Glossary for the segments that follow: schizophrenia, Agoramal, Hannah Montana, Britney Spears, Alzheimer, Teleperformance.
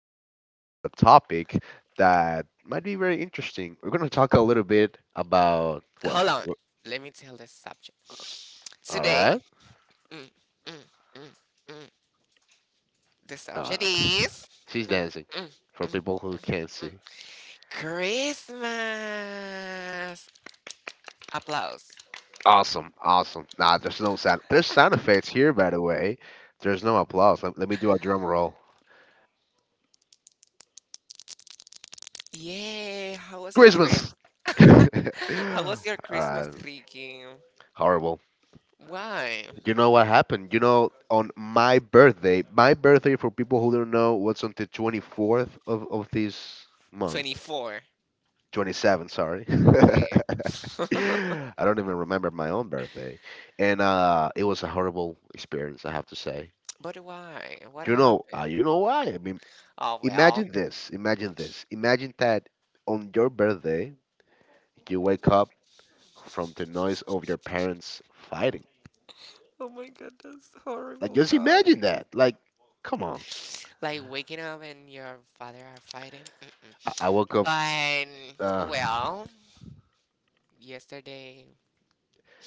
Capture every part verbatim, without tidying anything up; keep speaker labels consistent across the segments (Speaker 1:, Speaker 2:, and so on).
Speaker 1: we're going to talk about a topic that might be very interesting. We're going to talk a little bit about what?
Speaker 2: Hold on.
Speaker 1: what-
Speaker 2: Let me tell the subject.
Speaker 1: All
Speaker 2: Today,
Speaker 1: right.
Speaker 2: mm, mm, mm, mm, the subject
Speaker 1: Uh,
Speaker 2: is
Speaker 1: she's
Speaker 2: mm,
Speaker 1: dancing
Speaker 2: mm,
Speaker 1: for
Speaker 2: mm,
Speaker 1: people who can't see.
Speaker 2: mm, Christmas. Applause.
Speaker 1: Awesome, awesome. Nah, there's no sound. There's sound effects here, by the way. There's no applause. Let, let me do a drum roll.
Speaker 2: Yay. How was your Christmas?
Speaker 1: Christmas.
Speaker 2: How was your Christmas, Ricky?
Speaker 1: Horrible.
Speaker 2: Why?
Speaker 1: You know what happened? You know, on my birthday, my birthday for people who don't know, what's on the twenty-fourth of, of this month?
Speaker 2: twenty-four.
Speaker 1: twenty-seven, sorry.
Speaker 2: Okay.
Speaker 1: I don't even remember my own birthday. And uh, it was a horrible experience, I have to say.
Speaker 2: But why? What happened?
Speaker 1: You know why? I mean,
Speaker 2: Oh, well.
Speaker 1: this. Imagine this. Imagine that on your birthday, you wake up from the noise of your parents fighting.
Speaker 2: Oh my God, that's
Speaker 1: Like,
Speaker 2: horrible,
Speaker 1: just imagine
Speaker 2: guys.
Speaker 1: that. Like, come on.
Speaker 2: Like waking up and your father are fighting.
Speaker 1: I,
Speaker 2: Mm-mm.
Speaker 1: I woke.
Speaker 2: But, well, yesterday.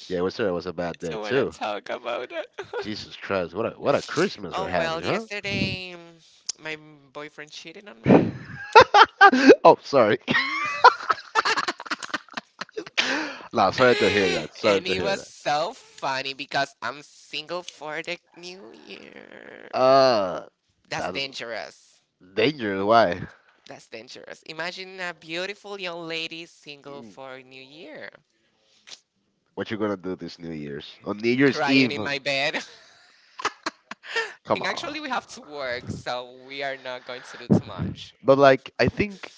Speaker 1: Yeah, it was, sorry, it was a bad day
Speaker 2: So want to
Speaker 1: too.
Speaker 2: talk about it.
Speaker 1: Jesus Christ, what a what a Christmas.
Speaker 2: Oh, well, yesterday mm, my boyfriend cheated on me.
Speaker 1: Oh, sorry. No, sorry to hear that. Sorry
Speaker 2: And
Speaker 1: to
Speaker 2: it
Speaker 1: hear
Speaker 2: was
Speaker 1: that.
Speaker 2: so funny because I'm single for the new year.
Speaker 1: Uh,
Speaker 2: That's dangerous.
Speaker 1: Dangerous. Why?
Speaker 2: That's dangerous. Imagine a beautiful young lady single for New Year,
Speaker 1: What you gonna do this New Year's? On New Year's,
Speaker 2: crying in my bed.
Speaker 1: come.
Speaker 2: And actually, we have to work, so we are not going to do too much.
Speaker 1: But like, I think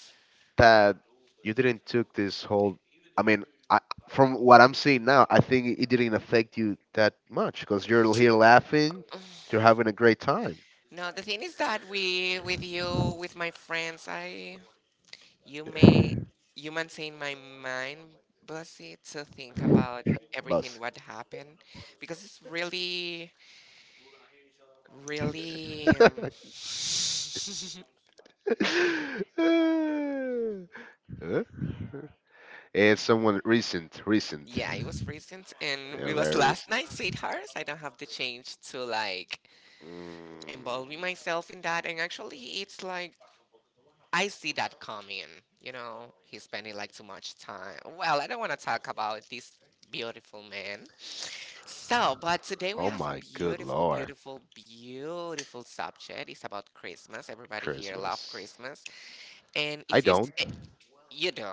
Speaker 1: that you didn't took this whole. I mean, I, from what I'm seeing now, I think it didn't affect you that much because you're here laughing, you're having a great time.
Speaker 2: No, the thing is that we, with you, with my friends, I, you may, you maintain my mind busy to think about everything
Speaker 1: Boss.
Speaker 2: what happened, because it's really, really. um,
Speaker 1: Huh? It's someone recent, recent.
Speaker 2: Yeah, it was recent and
Speaker 1: Yeah,
Speaker 2: we was
Speaker 1: very.
Speaker 2: last night, sweethearts. I don't have the change to like
Speaker 1: Mm,
Speaker 2: involving myself in that. And actually, it's like I see that coming. You know, he's spending like too much time. Well, I don't want to talk about this beautiful man. So, but today we
Speaker 1: oh
Speaker 2: have a
Speaker 1: my good
Speaker 2: beautiful,
Speaker 1: lord,
Speaker 2: beautiful, beautiful subject. It's about Christmas. Everybody here love
Speaker 1: Christmas.
Speaker 2: Christmas, and
Speaker 1: I
Speaker 2: if you s-
Speaker 1: don't.
Speaker 2: eh, you do,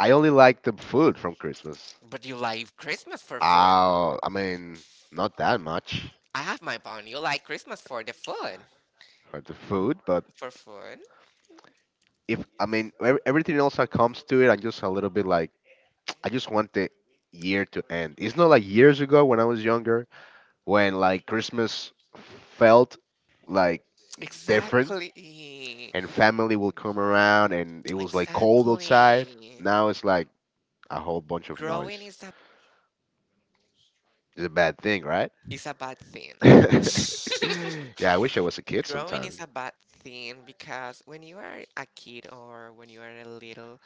Speaker 1: I only like the food from Christmas.
Speaker 2: but you like Christmas for fun.
Speaker 1: Uh, I mean, not that much
Speaker 2: I have my bun. You like Christmas for the food.
Speaker 1: for the food, but
Speaker 2: For food.
Speaker 1: if I mean ev- everything else that comes to it, I'm just a little bit like I just want the year to end. It's not like years ago when I was younger, when like Christmas felt like different
Speaker 2: Exactly.
Speaker 1: and family will come around and it was like cold outside.
Speaker 2: Exactly.
Speaker 1: Now it's like a whole bunch of
Speaker 2: Growing
Speaker 1: noise.
Speaker 2: is a
Speaker 1: It's a bad thing, right?
Speaker 2: is a bad thing.
Speaker 1: Yeah, I wish I was a kid
Speaker 2: Growing is
Speaker 1: sometimes.
Speaker 2: a bad thing because when you are a kid or when you are a little,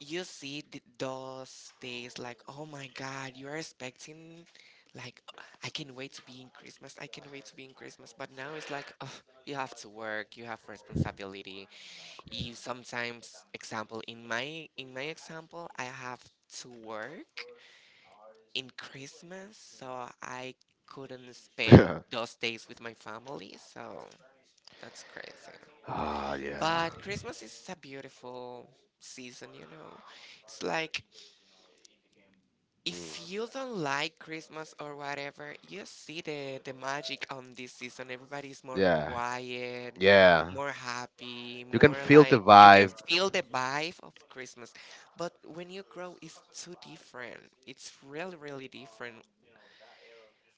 Speaker 2: you see th- those days like, oh my God, you are expecting, like, I can wait to be in Christmas. I can wait to be in Christmas. But now it's like, oh, you have to work. You have responsibility. You sometimes, example, in my in my example, I have to work in Christmas, so I couldn't spend those days with my family. So that's crazy.
Speaker 1: Ah, yeah.
Speaker 2: But Christmas is a beautiful season, you know. It's like if you don't like Christmas or whatever, you see the the magic on this season. Everybody's more quiet,
Speaker 1: Yeah.
Speaker 2: more happy,
Speaker 1: You can
Speaker 2: more
Speaker 1: feel the
Speaker 2: like you can
Speaker 1: vibe.
Speaker 2: feel the vibe of Christmas. But when you grow, it's too different. It's really, really different.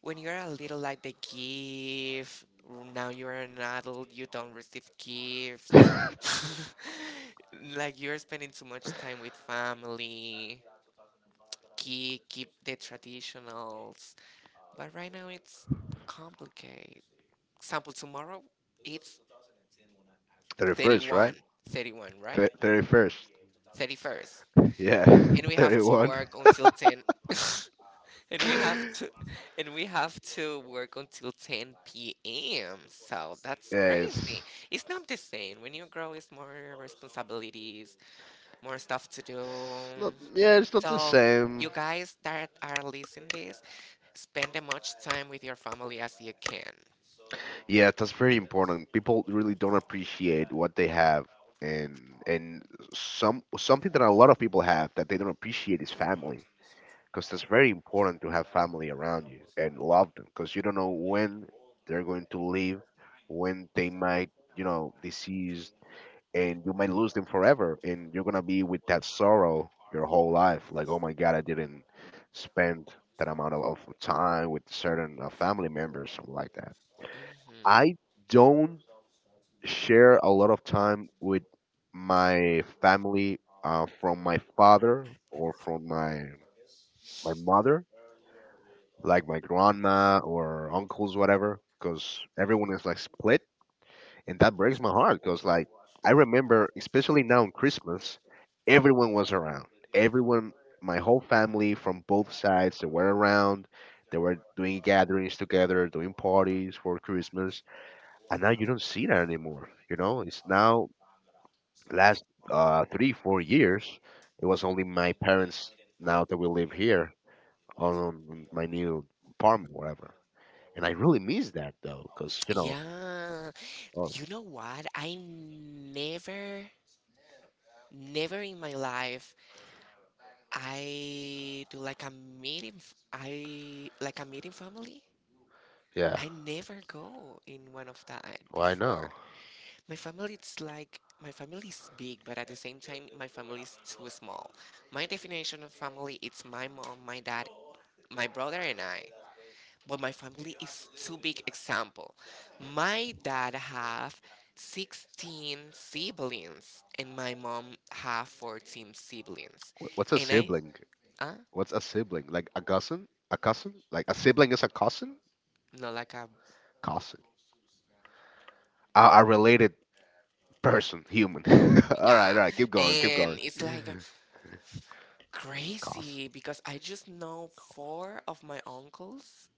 Speaker 2: When you're a little, like the gift. Now you're an adult, you don't receive gifts. Like you're spending too much time with family. Keep keep the traditionals. But right now it's complicated. Example, tomorrow it's
Speaker 1: thirty-first, right?
Speaker 2: thirty-one. thirty-one, right?
Speaker 1: Th- thirty-first.
Speaker 2: thirty-first.
Speaker 1: Yeah.
Speaker 2: And we have to
Speaker 1: One.
Speaker 2: work until ten. and we have to and we have to work until ten p m. So that's
Speaker 1: Yeah, it's
Speaker 2: crazy. It's not the same. When you grow, it's more responsibilities, more stuff to do.
Speaker 1: not. Yeah, it's not the
Speaker 2: So
Speaker 1: same.
Speaker 2: you guys that are listening this, spend as much time with your family as you can.
Speaker 1: Yeah, that's very important. People really don't appreciate what they have, and and some something that a lot of people have that they don't appreciate is family. Because that's very important to have family around you and love them. Because you don't know when they're going to leave, when they might, you know, disease, and you might lose them forever, and you're gonna be with that sorrow your whole life, like oh my God, I didn't spend that amount of, of time with certain uh, family members, something like that.
Speaker 2: Hmm.
Speaker 1: I don't share a lot of time with my family, uh, from my father or from my my mother, like my grandma or uncles, whatever, because everyone is like split, and that breaks my heart because, like, I remember, especially now on Christmas, everyone was around, everyone, my whole family from both sides, they were around. They were doing gatherings together, doing parties for Christmas, and now you don't see that anymore, you know it's now last, uh, three four years, it was only my parents, now that we live here on my new apartment, whatever. And I really miss that, though, because, you know.
Speaker 2: Yeah.
Speaker 1: Oh,
Speaker 2: You know what? I never never in my life I do like a meeting f- I like a meeting family.
Speaker 1: yeah.
Speaker 2: I never go in one of that
Speaker 1: Well, I
Speaker 2: before.
Speaker 1: know.
Speaker 2: My family, it's like my family is big, but at the same time, my family is too small. My definition of family, it's my mom, my dad, my brother, and I. But my family is too big. Example, my dad have sixteen siblings, and my mom have fourteen siblings.
Speaker 1: Wh- What's a
Speaker 2: And I,
Speaker 1: sibling?
Speaker 2: uh,
Speaker 1: What's a sibling? Like a cousin? A cousin? Like a sibling is a cousin?
Speaker 2: no, like a,
Speaker 1: Cousin. A, a related person, human. All right,
Speaker 2: yeah.
Speaker 1: all right, keep going, keep
Speaker 2: And
Speaker 1: going.
Speaker 2: it's like
Speaker 1: Cousin.
Speaker 2: crazy because I just know four of my uncles,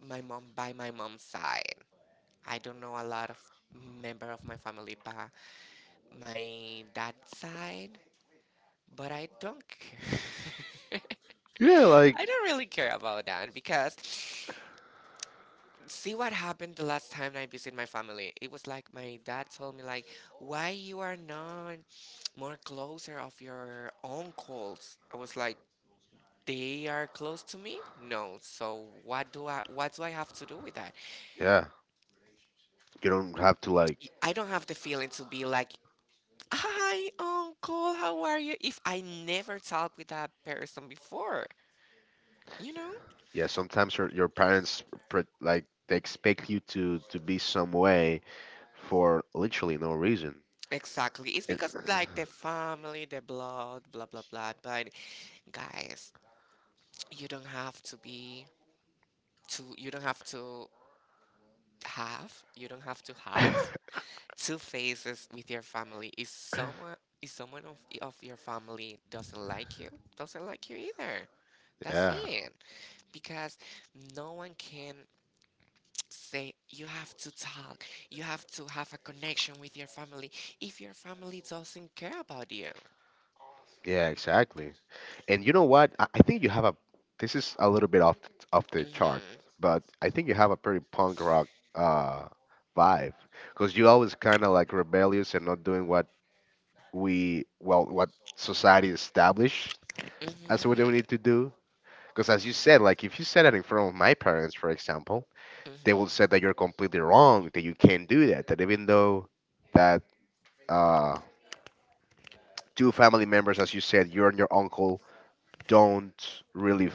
Speaker 2: my mom, by my mom's side. I don't know a lot of member of my family by my dad's side, but I don't care.
Speaker 1: Yeah, like,
Speaker 2: I don't really care about that because see what happened the last time I visit my family. It was like my dad told me like why you are not more closer of your uncles. I was like they are close to me? No. So what do I what do I have to do with that?
Speaker 1: yeah, you don't have to, like,
Speaker 2: Y- I don't have the feeling to be like, "Hi, uncle, how are you?" if I never talked with that person before, you know?
Speaker 1: yeah. Sometimes your your parents pre- like they expect you to to be some way for literally no reason.
Speaker 2: Exactly. It's
Speaker 1: And-
Speaker 2: because like the family, the blood, blah blah blah. But guys, you don't have to be to you don't have to have you don't have to have two phases with your family. If someone if someone of, of your family doesn't like you, doesn't like you either. That's
Speaker 1: yeah,
Speaker 2: it. Because no one can say you have to talk. You have to have a connection with your family if your family doesn't care about you.
Speaker 1: yeah, exactly. And you know what? I, I think you have a. This is a little bit off the, off the chart,
Speaker 2: Mhm.
Speaker 1: but I think you have a pretty punk rock uh, vibe because you always kind of like rebellious and not doing what we well what society established as what we
Speaker 2: Mhm.
Speaker 1: need to do. Because as you said, like if you said that in front of my parents, for example, they will
Speaker 2: Mhm.
Speaker 1: say that you're completely wrong, that you can't do that, that even though that uh, two family members, as you said, you're and your uncle don't really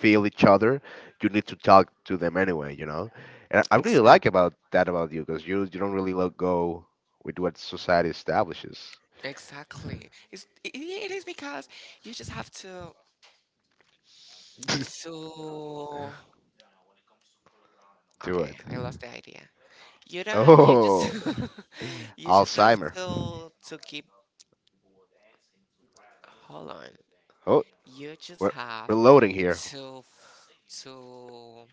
Speaker 1: feel each other, you need to talk to them anyway, you know. And I I really like
Speaker 2: Exactly.
Speaker 1: about that about you because you you don't really let go with what society establishes.
Speaker 2: Exactly. It's, it, it is because you just have to to
Speaker 1: Do
Speaker 2: Okay,
Speaker 1: it.
Speaker 2: I lost the idea. You don't ha you just
Speaker 1: Oh,
Speaker 2: you just have
Speaker 1: Alzheimer.
Speaker 2: to to keep. Hold on.
Speaker 1: Oh,
Speaker 2: You just
Speaker 1: we're we're
Speaker 2: have
Speaker 1: loading here.
Speaker 2: to f- to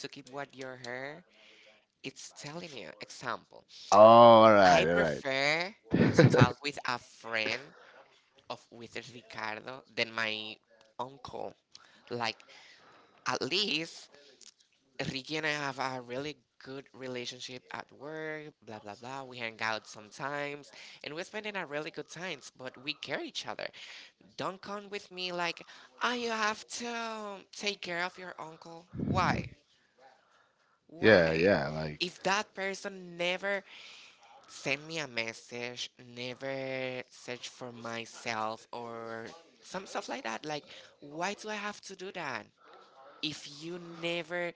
Speaker 2: to keep what your hair it's telling you. Example,
Speaker 1: Oh, all
Speaker 2: I
Speaker 1: right, all
Speaker 2: prefer to
Speaker 1: right.
Speaker 2: talk with a friend of, with Ricardo, than my uncle. Like at least Ricky and I have a really good relationship at work, blah blah blah. We hang out sometimes and we're spending our really good times, but we care each other. Don't come with me like, oh, you have to take care of your uncle. Why?
Speaker 1: Yeah,
Speaker 2: Why?
Speaker 1: yeah, like
Speaker 2: If that person never sent me a message, never search for myself or some stuff like that, like, why do I have to do that? If you never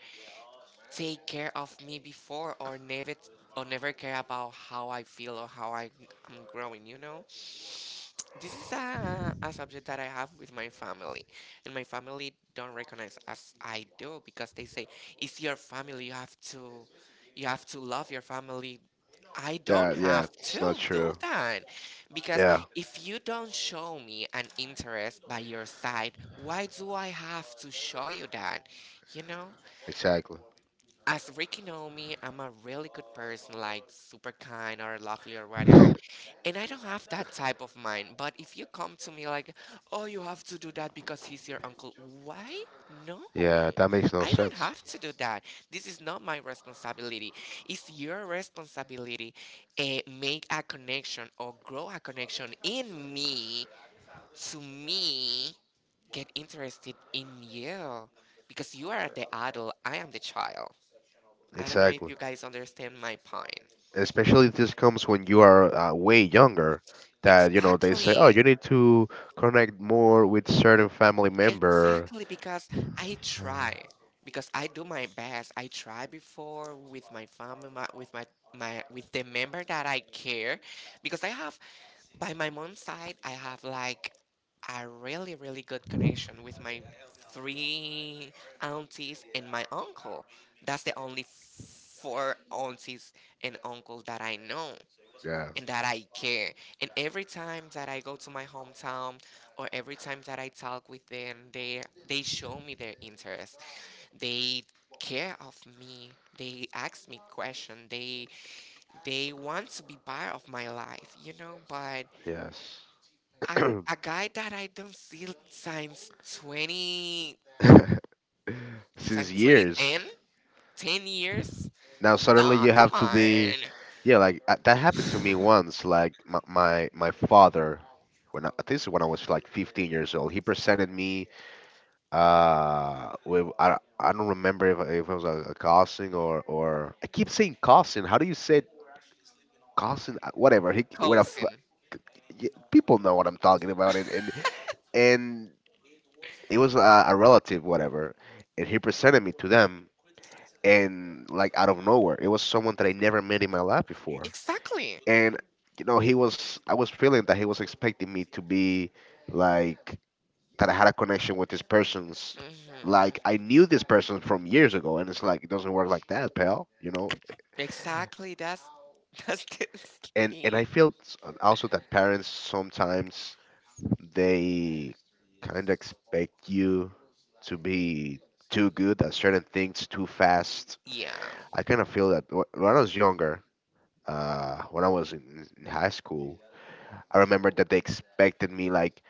Speaker 2: take care of me before or never or never care about how I feel or how I, I'm growing, you know? This is a, a subject that I have with my family. And my family don't recognize as I do because they say, "It's your family, you have to you have to love your family." I don't
Speaker 1: that. Yeah,
Speaker 2: have
Speaker 1: it's not
Speaker 2: to do
Speaker 1: true.
Speaker 2: that. Because
Speaker 1: Yeah,
Speaker 2: if you don't show me an interest by your side, why do I have to show you that? You know?
Speaker 1: exactly.
Speaker 2: As Ricky know me, I'm a really good person, like super kind or lovely or whatever. And I don't have that type of mind. But if you come to me like, oh, you have to do that because he's your uncle, why? No,
Speaker 1: Yeah, that makes no
Speaker 2: I don't
Speaker 1: sense.
Speaker 2: have to do that. This is not my responsibility. It's your responsibility, eh, make a connection or grow a connection in me to me get interested in you, because you are the adult, I am the child. I don't know if
Speaker 1: Exactly.
Speaker 2: you guys understand my point.
Speaker 1: Especially this comes when you are uh, way younger, that you know they say, oh,
Speaker 2: Exactly.
Speaker 1: you need to connect more with certain family member.
Speaker 2: Exactly because I try. Because I do my best. I try before with my family, my, with my my with the member that I care, because I have, by my mom's side, I have like a really really good connection with my three aunties and my uncle. That's the only four aunties and uncle that I know,
Speaker 1: Yeah.
Speaker 2: and that I care. And every time that I go to my hometown or every time that I talk with them, they they show me their interest. They care of me. They ask me questions. They they want to be part of my life, you know, but
Speaker 1: Yes.
Speaker 2: a, a guy that I don't see since twenty,
Speaker 1: Since
Speaker 2: since twenty
Speaker 1: years,
Speaker 2: ten ten years.
Speaker 1: now suddenly
Speaker 2: Nah,
Speaker 1: you
Speaker 2: come
Speaker 1: have to
Speaker 2: on.
Speaker 1: be, yeah, like, uh, that happened to me once, like my my, my father when I, this is when I was like fifteen years old, he presented me uh with I, I don't remember if, if it was a, a cousin or or I keep saying cousin, how do you say? Cousin, uh, whatever. He what a f-
Speaker 2: Cousin.
Speaker 1: y- People know what I'm talking about, and and and it was a, a relative, whatever, and he presented me to them, and like out of nowhere, it was someone that I never met in my life before,
Speaker 2: Exactly.
Speaker 1: and you know he was I was feeling that he was expecting me to be, like, that I had a connection with this person's.
Speaker 2: Hmm.
Speaker 1: Like, I knew this person from years ago, and it's like it doesn't work like that, pal. You know,
Speaker 2: Exactly, that's that's the
Speaker 1: and and I
Speaker 2: thing.
Speaker 1: feel s- also that parents sometimes, they kind of expect you to be too good at certain things too fast.
Speaker 2: Yeah.
Speaker 1: I kind of feel that wh- when I was younger, uh, when I was in in high school, I remember that they expected me, like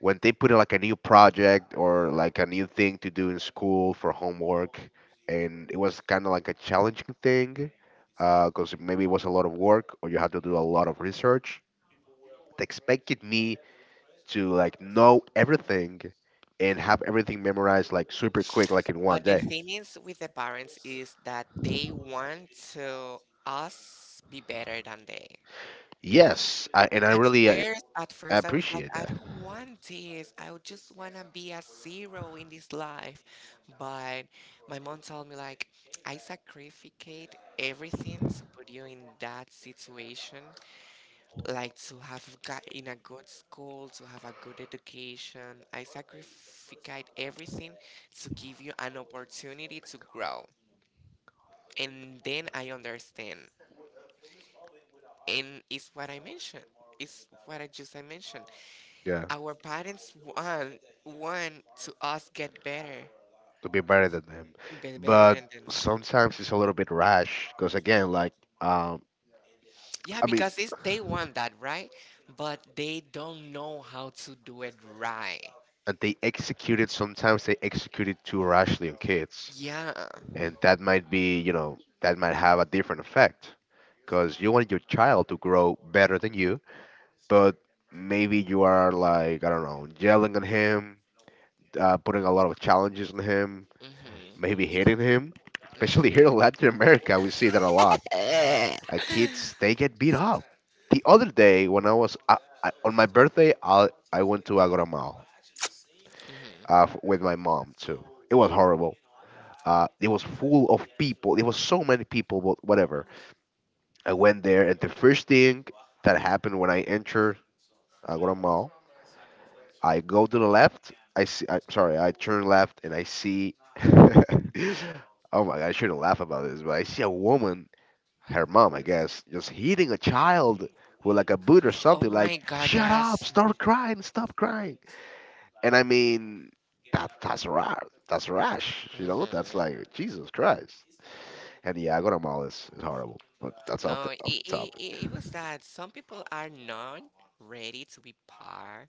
Speaker 1: when they put like a new project or like a new thing to do in school for homework, and it was kind of like a challenging thing because maybe it was a lot of work or you had to do a lot of research. They expected me to, like, know everything and have everything memorized like super quick, like in one
Speaker 2: But the
Speaker 1: day.
Speaker 2: thing is with the parents is that they want to us be better than they.
Speaker 1: Yes, I, and I
Speaker 2: At
Speaker 1: really uh,
Speaker 2: first, at first I was like,
Speaker 1: appreciate
Speaker 2: I
Speaker 1: that.
Speaker 2: don't want this. I would just wanna be a zero in this life. But my mom told me like I sacrificate everything to put you in that situation, like to have got in a good school, to have a good education. I sacrificed everything to give you an opportunity to grow. And then I understand. And it's what I mentioned. It's what I just I mentioned.
Speaker 1: Yeah,
Speaker 2: Our parents want want to us get better.
Speaker 1: to be better than them,
Speaker 2: Be better than
Speaker 1: but
Speaker 2: them.
Speaker 1: sometimes it's a little bit rash because, again, like, um,
Speaker 2: Yeah,
Speaker 1: I mean,
Speaker 2: because it's, they want that, right? But they don't know how to do it right.
Speaker 1: and they executed, sometimes they executed too rashly on kids,
Speaker 2: Yeah.
Speaker 1: and that might be, you know that might have a different effect because you want your child to grow better than you, but maybe you are like, I don't know, yelling at him, uh, putting a lot of challenges on him,
Speaker 2: Mm-hmm.
Speaker 1: maybe hitting him. Especially here in Latin America, we see that a lot.
Speaker 2: Mm-hmm.
Speaker 1: Uh, kids, they get beat up. The other day, when I was uh, I, on my birthday, I, I went to Agoramal uh,
Speaker 2: hmm
Speaker 1: f- with my mom too. It was horrible. Uh, it was full of people. It was so many people, but whatever. I went there, and the first thing that happened when I entered Agoramal, I go to the left. I see. I, sorry, I turn left and I see. Oh my God, I shouldn't laugh about this, but I see a woman, her mom, I guess, just hitting a child with like a boot or
Speaker 2: Oh
Speaker 1: something.
Speaker 2: my
Speaker 1: Like,
Speaker 2: God,
Speaker 1: shut up,
Speaker 2: that's
Speaker 1: stop crying, stop crying. And I mean, that that's rash. That's rash. You know, that's
Speaker 2: hmm
Speaker 1: like Jesus Christ. And yeah, I go to mall is, is horrible, but that's.
Speaker 2: no. It, it, it was that some people are not ready to be par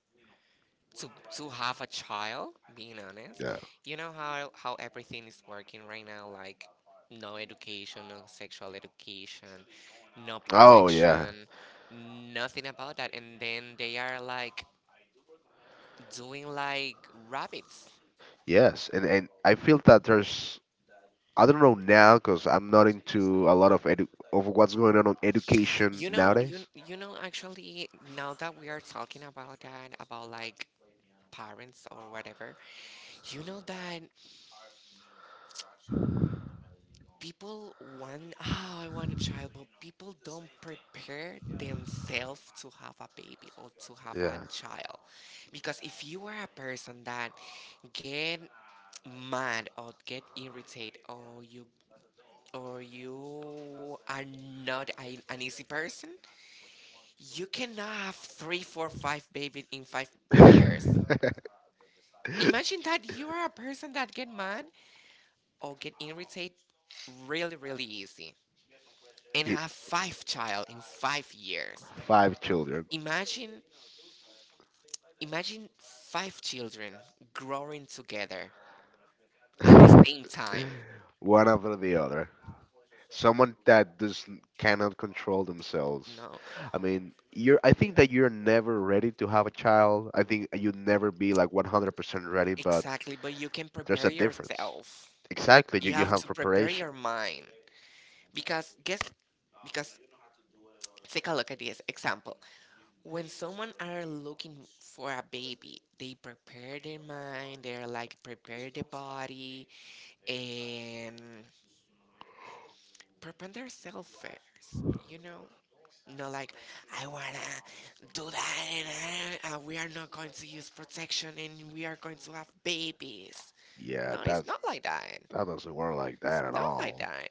Speaker 2: to to have a child. Being honest,
Speaker 1: Yeah.
Speaker 2: you know how how everything is working right now, like no education, no sexual education, no
Speaker 1: Oh yeah.
Speaker 2: protection, nothing about that, and then they are like doing like rabbits.
Speaker 1: Yes, and and I feel that there's, I don't know now because I'm not into a lot of edu- of what's going on on education
Speaker 2: You know, you
Speaker 1: nowadays.
Speaker 2: you know. Actually, now that we are talking about that, about like parents or whatever, you know that people want, oh, I want a child, but people don't prepare themselves to have a baby or to have a
Speaker 1: Yeah.
Speaker 2: child. Because if you are a person that get mad or get irritated or you or you are not a, an easy person, you cannot have three, four, five babies in five years. Imagine that you are a person that get mad or get irritated really, really easy. And have five child in five years.
Speaker 1: Five children,
Speaker 2: Imagine imagine five children growing together at the same time.
Speaker 1: one after the other. Someone that does cannot control themselves.
Speaker 2: No,
Speaker 1: I mean, you're. I think that you're never ready to have a child. I think you'd never be like one hundred percent ready, but
Speaker 2: exactly, but you can
Speaker 1: it's
Speaker 2: prepare
Speaker 1: a difference.
Speaker 2: yourself.
Speaker 1: Exactly.
Speaker 2: You
Speaker 1: You,
Speaker 2: have to prepare your mind because guess because take a look at this example. When someone are looking for a baby, they prepare their mind, they're like prepare the body and prepare themselves first, you know? No, like I wanna do that, and uh, uh, we are not going to use protection, and we are going to have babies.
Speaker 1: yeah,
Speaker 2: No, it's
Speaker 1: that
Speaker 2: not like that.
Speaker 1: that doesn't work like
Speaker 2: It's
Speaker 1: that.
Speaker 2: not like that.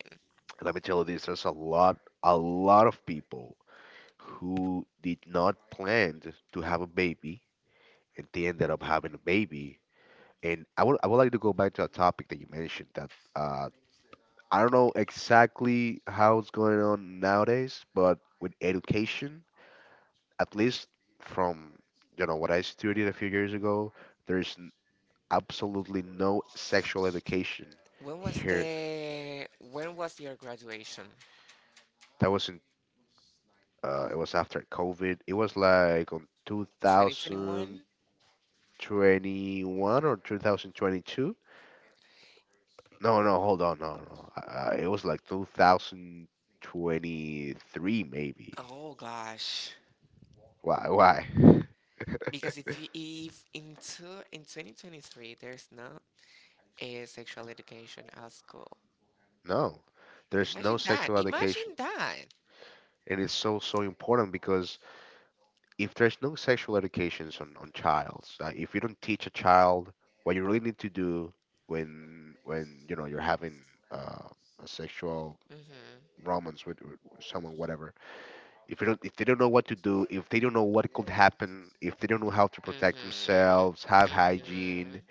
Speaker 1: Let me tell you this: there's a lot, a lot of people who did not plan to have a baby and they ended up having a baby. And I would I would like to go back to a topic that you mentioned that uh, I don't know exactly how it's going on nowadays, but with education, at least from you know what I studied a few years ago, there's n- absolutely no sexual education
Speaker 2: When was
Speaker 1: here.
Speaker 2: the when was your graduation?
Speaker 1: That wasn't. Uh, it was after COVID. It was like on two thousand.
Speaker 2: twenty twenty-one?
Speaker 1: twenty-one or two thousand twenty-two. No, no, hold on, no, no. Uh, it was like two thousand twenty-three, maybe.
Speaker 2: Oh gosh.
Speaker 1: Why? Why?
Speaker 2: Because if you if in two, in twenty twenty-three there's not a sexual education at school.
Speaker 1: No, there's no
Speaker 2: Imagine that.
Speaker 1: sexual education,
Speaker 2: Imagine that.
Speaker 1: and it's so so important because if there's no sexual educations on on childs, uh, if you don't teach a child what you really need to do when when you know you're having uh, a sexual
Speaker 2: Mhm.
Speaker 1: romance with, with someone, whatever, if they don't if they don't know what to do, if they don't know what could happen, if they don't know how to protect
Speaker 2: Mhm.
Speaker 1: themselves, have hygiene,
Speaker 2: Mhm.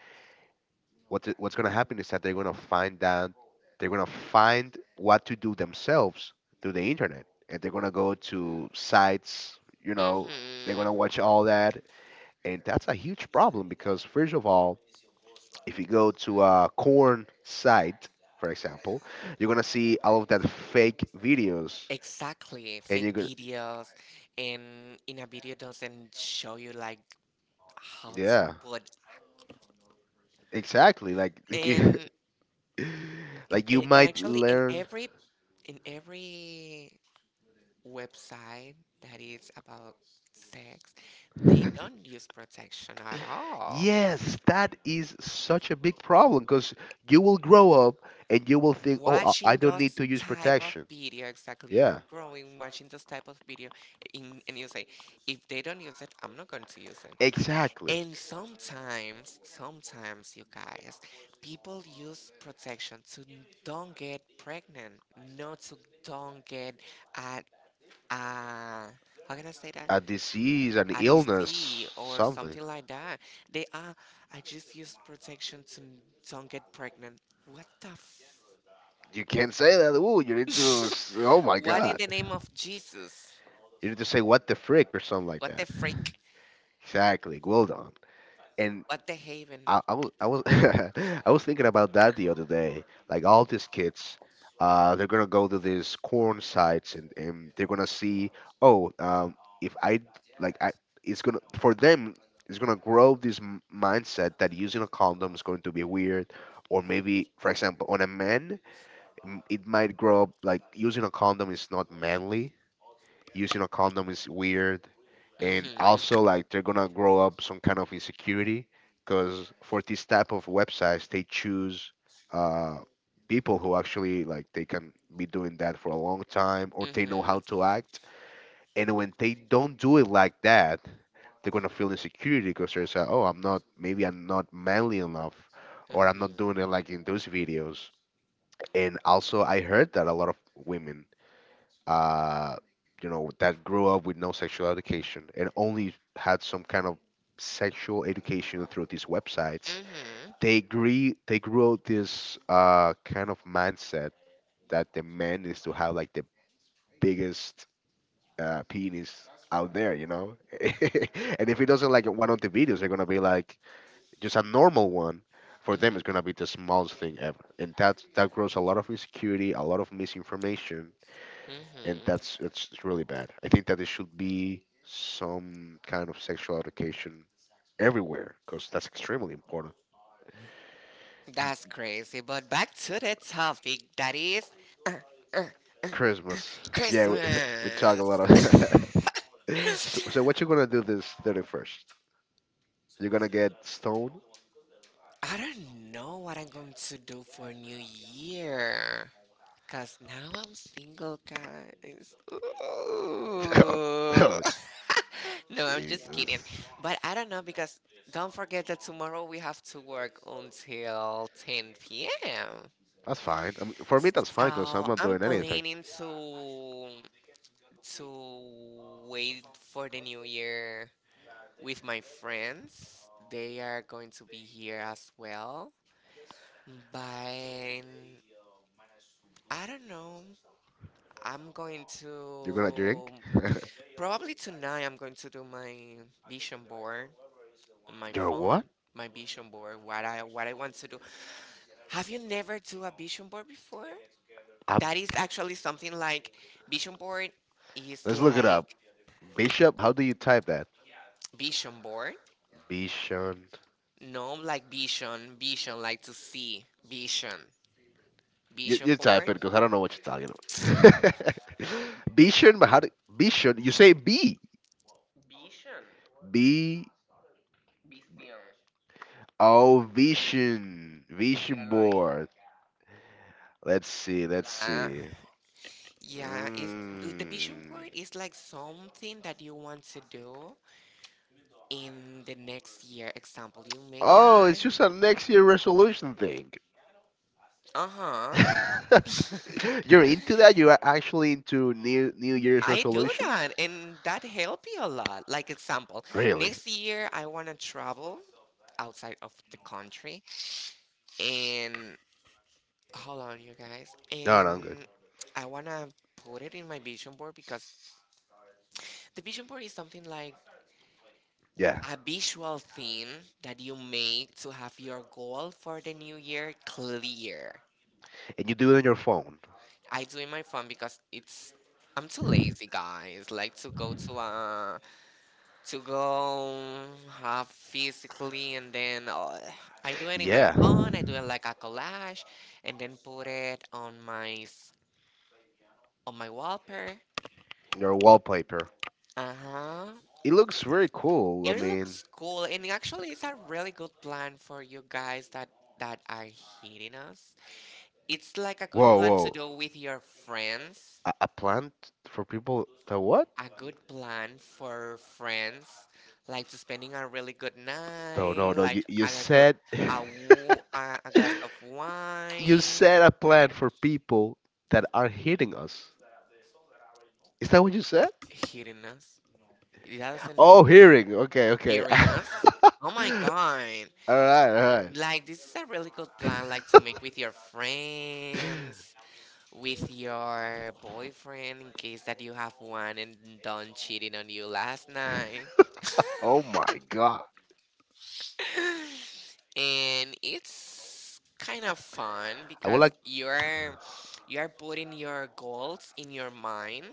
Speaker 1: what th- what's gonna happen is that they're gonna find out, they're gonna find what to do themselves through the internet, and they're gonna go to sites, you know, they're
Speaker 2: Mhm.
Speaker 1: gonna watch all that, and that's a huge problem because, first of all, if you go to a corn site, for example, you're gonna see all of that fake videos,
Speaker 2: Exactly,
Speaker 1: and
Speaker 2: fake
Speaker 1: you
Speaker 2: videos, and in a video doesn't show you like how to
Speaker 1: yeah,
Speaker 2: put,
Speaker 1: exactly, like
Speaker 2: and in,
Speaker 1: like you
Speaker 2: in, in
Speaker 1: might
Speaker 2: actually in
Speaker 1: learn,
Speaker 2: every in every website that is about sex, they don't use protection at all.
Speaker 1: yes, that is such a big problem because you will grow up and you will think, oh, i I
Speaker 2: Watching
Speaker 1: don't need
Speaker 2: those
Speaker 1: to use
Speaker 2: type of
Speaker 1: protection.
Speaker 2: video, exactly, you're
Speaker 1: Yeah,
Speaker 2: growing watching those type of video in, and you say, if they don't use it, I'm not going to use it.
Speaker 1: exactly.
Speaker 2: And sometimes, sometimes, you guys, people use protection to n- don't get pregnant, not to don't get a, a how can I say that?
Speaker 1: A disease, an
Speaker 2: A disease
Speaker 1: illness,
Speaker 2: or
Speaker 1: something.
Speaker 2: something like that. They are, I just use protection to n- don't get pregnant. What the f?
Speaker 1: You can't say that, ooh, you need to s- oh my
Speaker 2: What in
Speaker 1: god,
Speaker 2: the name of Jesus?
Speaker 1: you need to say what the frick or something like
Speaker 2: What
Speaker 1: that.
Speaker 2: the freak?
Speaker 1: Exactly, well done. And
Speaker 2: What the haven?
Speaker 1: I, I was I was I was thinking about that the other day. Like, all these kids, uh, they're gonna go to these corn sites, and, and they're gonna see. Oh, um, if I like I, it's gonna for them. It's gonna grow this m- mindset that using a condom is going to be weird, or maybe, for example, on a man, m- it might grow up like using a condom is not manly. Using a condom is weird. And also,
Speaker 2: Mm-hmm.
Speaker 1: like, they're gonna grow up some kind of insecurity because for this type of websites, they choose uh, people who actually, like, they can be doing that for a long time or they know how
Speaker 2: Mm-hmm.
Speaker 1: to act. And when they don't do it like that, they're gonna feel insecurity because they're saying, "Oh, I'm not. Maybe I'm not manly enough, or I'm not doing
Speaker 2: Mm-hmm.
Speaker 1: it like in those videos." And also, I heard that a lot of women, uh, you know, that grew up with no sexual education and only had some kind of sexual education through these websites,
Speaker 2: Mm-hmm.
Speaker 1: they agree they grew out this uh, kind of mindset that the man is to have like the biggest uh, penis out there, you know. And if he doesn't like one of the videos, they're gonna be like just a normal one. For them, it's
Speaker 2: Mm-hmm.
Speaker 1: gonna be the smallest thing ever, and that that grows a lot of insecurity, a lot of misinformation, and
Speaker 2: Mm-hmm.
Speaker 1: that's it's, it's really bad. I think that there should be some kind of sexual education everywhere because that's extremely important.
Speaker 2: That's crazy. But back to the topic that is uh, uh,
Speaker 1: Christmas, we
Speaker 2: Christmas.
Speaker 1: talk a lot of. so, so what you gonna do this thirty-first? You're gonna get stoned.
Speaker 2: I don't know what I'm going to do for New Year. Because now I'm single, guys. Ooh. No, I'm just kidding.
Speaker 1: That's
Speaker 2: But I don't know because don't forget that tomorrow we have to work until ten p m.
Speaker 1: fine. I mean, for me, that's fine because
Speaker 2: So
Speaker 1: I'm a.
Speaker 2: I'm planning to to wait for the new year with my friends. They are going to be here as well. But I don't know. I'm going to probably tonight I'm going to do my vision board on my
Speaker 1: What?
Speaker 2: phone, my vision board, what I what I want to do. Have you never do a vision board before?
Speaker 1: Ab-
Speaker 2: That is actually something like vision board is
Speaker 1: Let's look it up.
Speaker 2: like
Speaker 1: Bishop, how do you type that?
Speaker 2: vision board.
Speaker 1: Bishon.
Speaker 2: No, like vision, vision, like to see vision, vision board.
Speaker 1: I don't know what you're talking about. Bishon, but how do Bishon? You say B. Oh, vision. Vision. Let's see. Let's
Speaker 2: Uh,
Speaker 1: see.
Speaker 2: yeah, it the vision
Speaker 1: Mm.
Speaker 2: board is like something that you want to do in the next year. Example, you make
Speaker 1: Oh,
Speaker 2: that.
Speaker 1: it's just a next year resolution thing.
Speaker 2: Uh-huh.
Speaker 1: You're into that? You are actually into New New Year's?
Speaker 2: I do that, and that help you a lot. Like example, next year I want to travel outside of the country, and hold on, you guys, and I want to put it in my vision board because the vision board is something like
Speaker 1: Yeah.
Speaker 2: a visual thing that you make to have your goal for the new year clear.
Speaker 1: And you do it on your phone,
Speaker 2: I do in my phone because it's I'm too lazy, guys. Like to go to uh to go have physically, and then uh, I do it in my phone. I do it like a collage and then put it on my s- on my wallpaper.
Speaker 1: your wallpaper.
Speaker 2: Uh huh.
Speaker 1: It looks very cool.
Speaker 2: It
Speaker 1: Mean,
Speaker 2: looks cool, and actually, it's a really good plan for you guys that that are hitting us. It's like a good plan to do with your friends.
Speaker 1: a, a plant for people that what?
Speaker 2: A good plan for friends, like to spending a really good night, like a
Speaker 1: You
Speaker 2: a, gl-
Speaker 1: said
Speaker 2: a, wo- a a glass of
Speaker 1: you
Speaker 2: wine.
Speaker 1: said a plan for people that are hitting us. Is that what you said?
Speaker 2: Hitting us. It doesn't mean
Speaker 1: Hearing. Okay. Okay.
Speaker 2: hearing
Speaker 1: All
Speaker 2: us. Oh my god!
Speaker 1: right. All right.
Speaker 2: Like this is a really good plan, like to make with your friends, with your boyfriend in case that you have one and done cheating on you last night.
Speaker 1: Oh my God.
Speaker 2: And it's kind of fun
Speaker 1: I would
Speaker 2: because
Speaker 1: like,
Speaker 2: you're you're putting your goals in your mind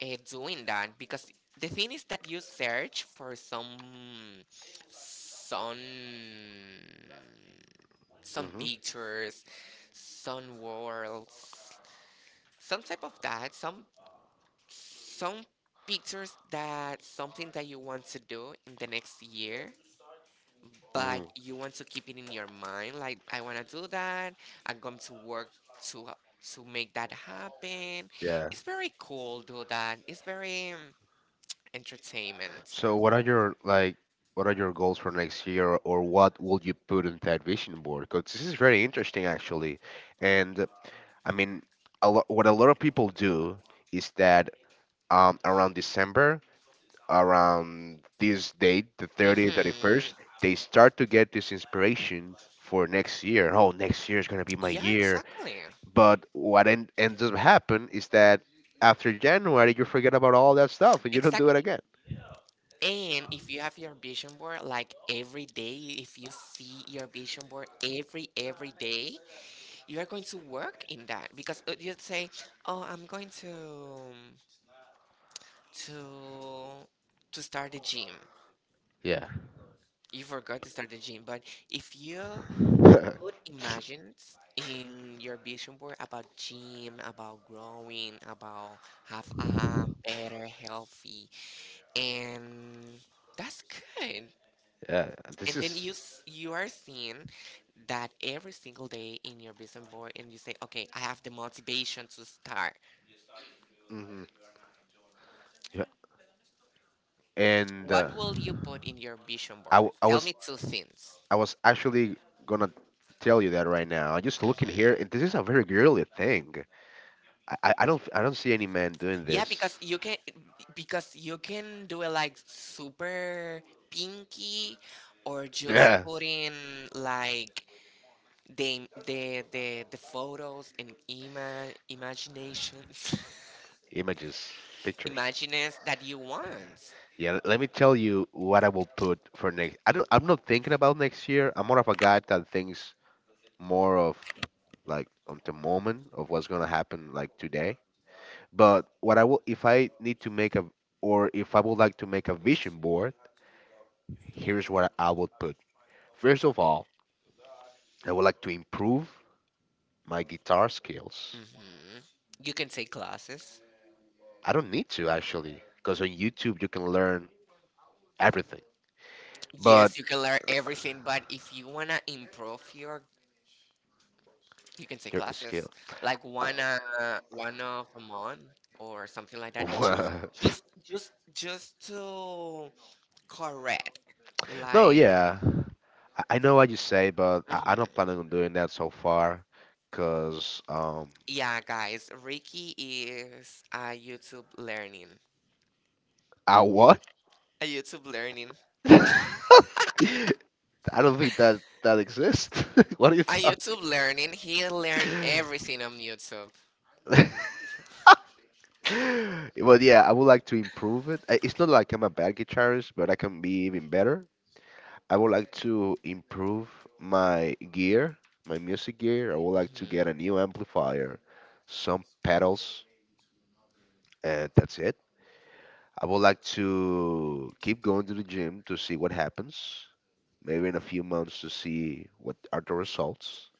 Speaker 2: and doing that because the thing is that you search for some some some pictures, some worlds, some type of that, some some pictures that something that you want to do in the next year, but
Speaker 1: mhm,
Speaker 2: you want to keep it in your mind like I want to do that. I'm going to work to to make that happen.
Speaker 1: yeah.
Speaker 2: It's very cool do that. It's very um, entertainment.
Speaker 1: So, what are your like, what are your goals for next year, or what will you put in that vision board? Because this is very interesting, actually. And uh, I mean, a lot, what a lot of people do is that, um, around December, around this date, the thirtieth,
Speaker 2: Mm-hmm.
Speaker 1: thirty-first, they start to get this inspiration for next year. Oh, next year is gonna be my
Speaker 2: Yeah,
Speaker 1: year.
Speaker 2: exactly.
Speaker 1: But what end, ends up happen is that after January, you forget about all that stuff and you don't
Speaker 2: Exact.
Speaker 1: do it again.
Speaker 2: And if you have your vision board like every day, if you see your vision board every every day, you are going to work in that because uh, you'd say, "Oh, I'm going to to to start a gym."
Speaker 1: Yeah.
Speaker 2: You forgot to start the gym, but if you put imagines in your vision board about gym, about growing, about have a better, healthy, and that's good.
Speaker 1: Yeah.
Speaker 2: And then you s- you are seeing that every single day in your vision board, and you say, "Okay, I have the motivation to start."
Speaker 1: Hmm. Yeah. And
Speaker 2: What
Speaker 1: uh,
Speaker 2: will you put in your vision
Speaker 1: I,
Speaker 2: board? Tell
Speaker 1: w-
Speaker 2: me two things.
Speaker 1: I was actually gonna tell you that right now. I'm just looking here,
Speaker 2: Hmm.
Speaker 1: and this is a very girly thing. I, I I don't, I don't see any man doing
Speaker 2: Yeah, because you can because you can do it like super pinky or just put in like the the the, the photos and ima- imaginations.
Speaker 1: images picture.
Speaker 2: Imagines that you want.
Speaker 1: Yeah, l- let me tell you what I will put for next. I don't. I'm not thinking about next year. I'm more of a guy that thinks more of like on the moment of what's gonna happen like today. But what I will, if I need to make a, or if I would like to make a vision board, here's what I would put. First of all, I would like to improve my guitar skills.
Speaker 2: Hmm. You can take classes.
Speaker 1: I don't need to actually, because on YouTube you can learn everything.
Speaker 2: Yes, you can learn everything, but if you wanna improve your you can say classes like one uh one of a month or something like that ju-
Speaker 1: Uh,
Speaker 2: just just just to correct
Speaker 1: oh
Speaker 2: like.
Speaker 1: yeah, I I know what you say, but I, I'm not
Speaker 2: Mhm.
Speaker 1: planning on doing that so far, cause um,
Speaker 2: Yeah guys, Ricky is a YouTube learning,
Speaker 1: I what?
Speaker 2: a YouTube learning,
Speaker 1: I don't think that that exists. What do
Speaker 2: a YouTube learning. He learned everything on YouTube.
Speaker 1: you? But yeah, I would like to improve it. I- It's not like I'm a bad guitarist, but I can be even better. I would like to improve my gear, my music gear. I would like to
Speaker 2: Mhm.
Speaker 1: get a new amplifier, some pedals, and that's it. I would like to keep going to the gym to see what happens. Maybe in a few months to see what are the results.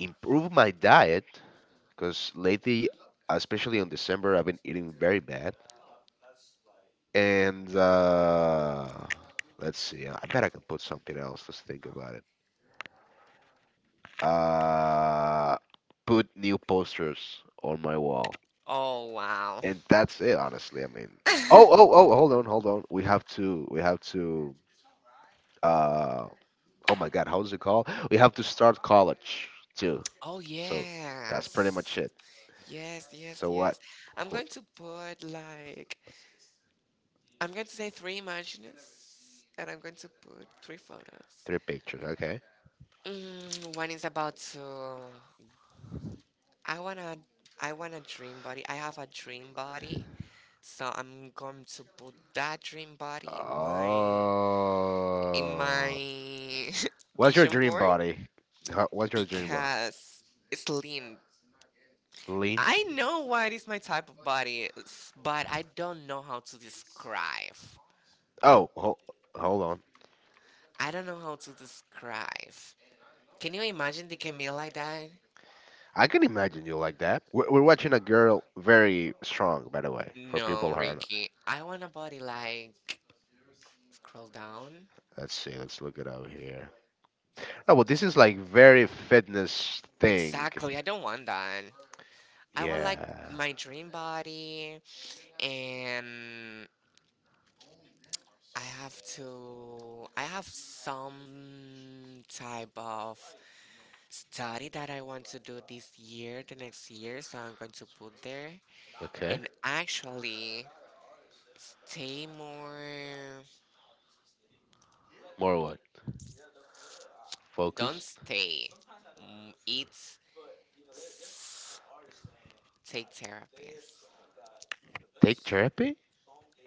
Speaker 1: Improve my diet, because lately, especially on December, I've been eating very bad. And uh, let's see. I bet I can put something else. Let's think about it. Uh, put new posters on my wall,
Speaker 2: Oh wow.
Speaker 1: and that's it. Honestly, I mean. Oh, oh, oh! Hold on, hold on. We have to. We have to. Uh, oh my God, how's it called? We have to start college too.
Speaker 2: Oh
Speaker 1: That's pretty
Speaker 2: yes.
Speaker 1: much it.
Speaker 2: Yes, yes,
Speaker 1: So what?
Speaker 2: yes. I'm going to put like I'm going to say three images, and I'm going to put three photos.
Speaker 1: Three pictures. Okay.
Speaker 2: Mm, one is about to. I wanna. I want a dream body. I have a dream body, so I'm going to put that dream body in my
Speaker 1: Oh.
Speaker 2: in my
Speaker 1: What's your
Speaker 2: vision
Speaker 1: dream
Speaker 2: board
Speaker 1: body? Ho- What's your dream
Speaker 2: because it's lean.
Speaker 1: Lean.
Speaker 2: I know what is my type of body, s- but I don't know how to describe.
Speaker 1: Oh, hold. Hold on.
Speaker 2: I don't know how to describe. Can you imagine the Camille like that?
Speaker 1: I can imagine you like that. We're, we're watching a girl very strong, by the way.
Speaker 2: No, Ricky. I want a body like scroll down.
Speaker 1: Let's see. Let's look it up here. No, but this is like very fitness thing.
Speaker 2: Exactly. I don't want that. I want
Speaker 1: Yeah.
Speaker 2: like my dream body, and I have to I have some type of study that I want to do this year, the next year, so I'm going to put there
Speaker 1: Okay.
Speaker 2: and actually stay more.
Speaker 1: More what?
Speaker 2: Don't stay. Mm, it's s- take therapist.
Speaker 1: Take therapy?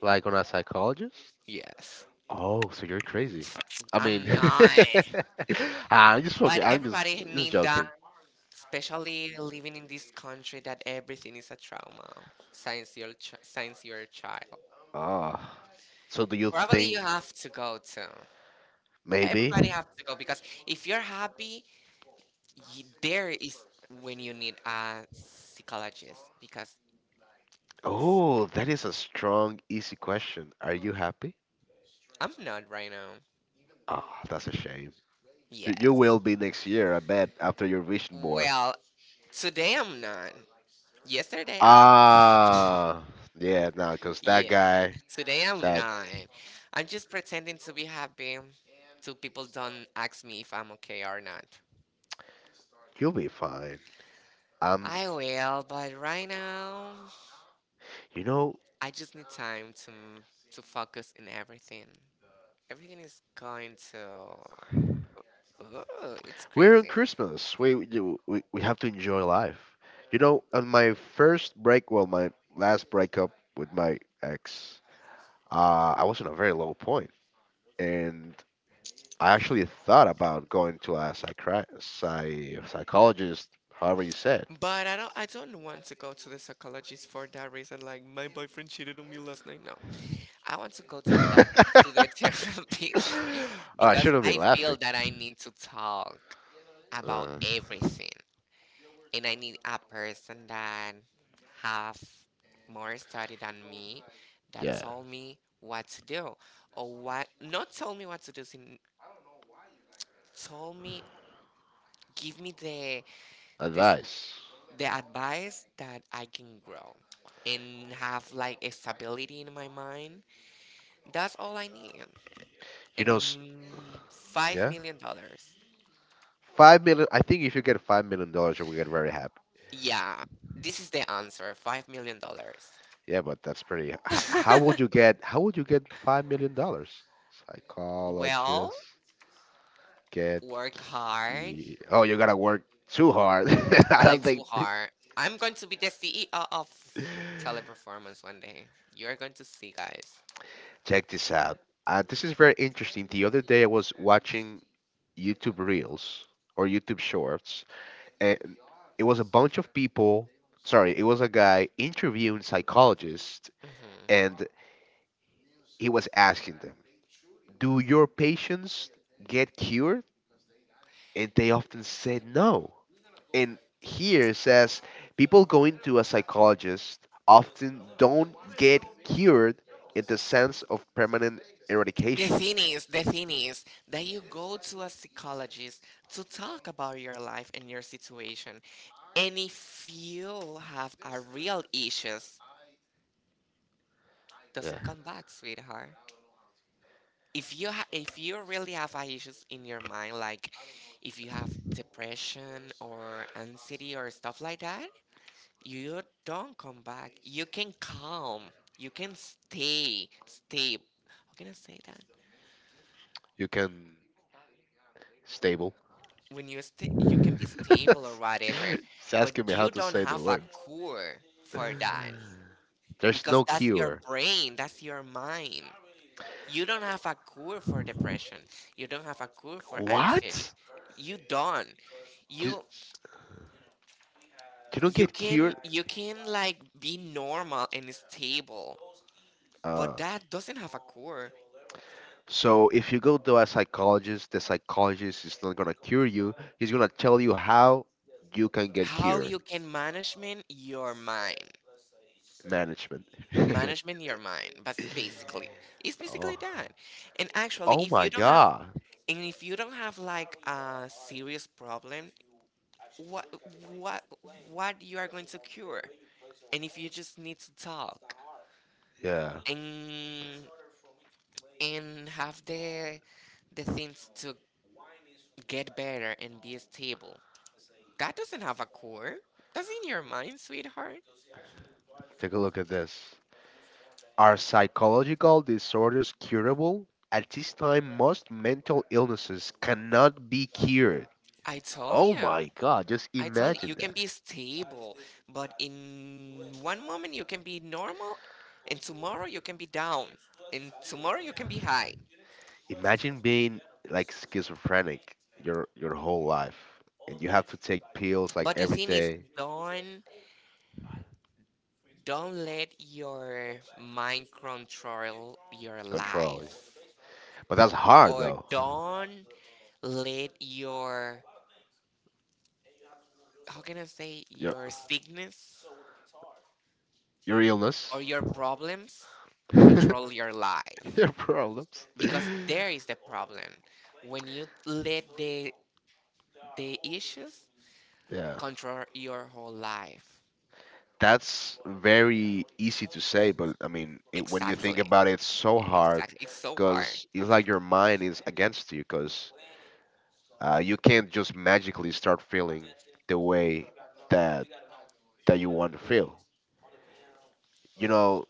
Speaker 1: Like on a psychologist?
Speaker 2: Yes.
Speaker 1: Oh, so you're crazy. I mean,
Speaker 2: I'm not.
Speaker 1: I just.
Speaker 2: But everybody need that, especially living in this country that everything is a trauma since your ch- since you're a child.
Speaker 1: Oh. So do you?
Speaker 2: Probably you have to go to.
Speaker 1: Ma-
Speaker 2: Everybody have to go because if you're happy, y there is when you need a psychologist because
Speaker 1: oh, that is a strong, easy question. Are you happy?
Speaker 2: I'm not right now.
Speaker 1: Oh, that's a shame. You, you
Speaker 2: Yes.
Speaker 1: will be next year, I bet, after your vision
Speaker 2: Well, today I'm not. Yesterday, I
Speaker 1: Ah, yeah, nah, because that
Speaker 2: yeah.
Speaker 1: guy,
Speaker 2: Today I'm nine. I'm just pretending to be happy so people don't ask me if I'm okay or not.
Speaker 1: you'll be fine. Um,
Speaker 2: I will, but right now
Speaker 1: you know,
Speaker 2: I just need time to to focus in everything. Everything is going to oh, it's
Speaker 1: we're on
Speaker 2: crazy.
Speaker 1: Christmas. We, we do- we we have to enjoy life. You know, on my first break, well, my last breakup with my ex, uh, I was in a very low point, and I actually thought about going to a psychri- psy- psychologist, however you said.
Speaker 2: But I don't I don't want to go to the psychologist for that reason like my boyfriend cheated on me last night. No. I want to go to the doc to the therapist
Speaker 1: I should
Speaker 2: because I feel that I need to talk about everything. And I need a person that have more study than me that told me what to do or what not told me what to do sin- told me give me the this
Speaker 1: advice.
Speaker 2: the advice that I can grow and have like a stability in my mind. That's all I need.
Speaker 1: You know, s-
Speaker 2: And five million dollars.
Speaker 1: five million. I think if you get five million dollars, you will get very happy.
Speaker 2: Yeah, this is the answer. Five million dollars.
Speaker 1: Yeah, but that's pretty. H- how would you get? How would you get five million dollars? Psychology
Speaker 2: Well,
Speaker 1: get.
Speaker 2: work hard,
Speaker 1: Too hard.
Speaker 2: like too hard. I'm going to be the C E O of Teleperformance one day. You're going to see, guys.
Speaker 1: Check this out. Uh, this is very interesting. The other day I was watching YouTube Reels or YouTube Shorts, and it was a bunch of people. Sorry, it was a guy interviewing psychologists,
Speaker 2: Mhm.
Speaker 1: and he was asking them, do your patients get cured? And they often said no. And here it says people going to a psychologist often don't get cured in the sense of permanent
Speaker 2: The
Speaker 1: eradication.
Speaker 2: thing is, the thing is that you go to a psychologist to talk about your life and your situation. And if you have a real issues, doesn't come back, sweetheart. If you ha- if you really have a issues in your mind, like if you have depression or anxiety or stuff like that, you don't come back. You can come. You can stay. Stay. How can I say that?
Speaker 1: You can stable.
Speaker 2: When you stay, you can be stable or whatever,
Speaker 1: It's
Speaker 2: but
Speaker 1: asking me how
Speaker 2: you don't have a cure for that
Speaker 1: there's
Speaker 2: because that's your brain. That's your mind. You don't have a cure for depression. You don't have a cure for anxiety.
Speaker 1: nuts. You
Speaker 2: You don't. You
Speaker 1: don't
Speaker 2: you
Speaker 1: get
Speaker 2: can
Speaker 1: cured.
Speaker 2: you can like be normal and stable,
Speaker 1: Uh,
Speaker 2: but that doesn't have a cure.
Speaker 1: so if you go to a psychologist, the psychologist is not gonna cure you. He's gonna tell you how
Speaker 2: How you can management your mind,
Speaker 1: management.
Speaker 2: management your mind, but basically it's basically that. And actually, if you don't have and if you don't have like a serious problem, what what what you are going to cure. And if you just need to talk
Speaker 1: Yeah,
Speaker 2: and and have the the things to get better and be stable, that doesn't have a cure. That's in your mind, sweetheart.
Speaker 1: take a look at this. Are psychological disorders curable? At this time, most mental illnesses cannot be cured.
Speaker 2: I told you.
Speaker 1: My God, just
Speaker 2: I tell you,
Speaker 1: imagine
Speaker 2: you can be stable, but in one moment you can be normal, and tomorrow you can be down, and tomorrow you can be high.
Speaker 1: imagine being like schizophrenic your your whole life, and you have to take pills like
Speaker 2: But the thing is, don't don't let your mind control your
Speaker 1: control.
Speaker 2: life,
Speaker 1: But that's hard.
Speaker 2: or don't let your how can I say
Speaker 1: Your
Speaker 2: your sickness
Speaker 1: your illness,
Speaker 2: or your problems control your life
Speaker 1: your problems.
Speaker 2: because there is the problem when you let the the issues control your whole life.
Speaker 1: That's very easy to say, but I mean, it, when you think
Speaker 2: Exactly.
Speaker 1: about it, it's so hard
Speaker 2: Exactly. It's so hard.
Speaker 1: because it's like your mind is against you because Uh, you can't just magically start feeling the way that that you want to feel. You know,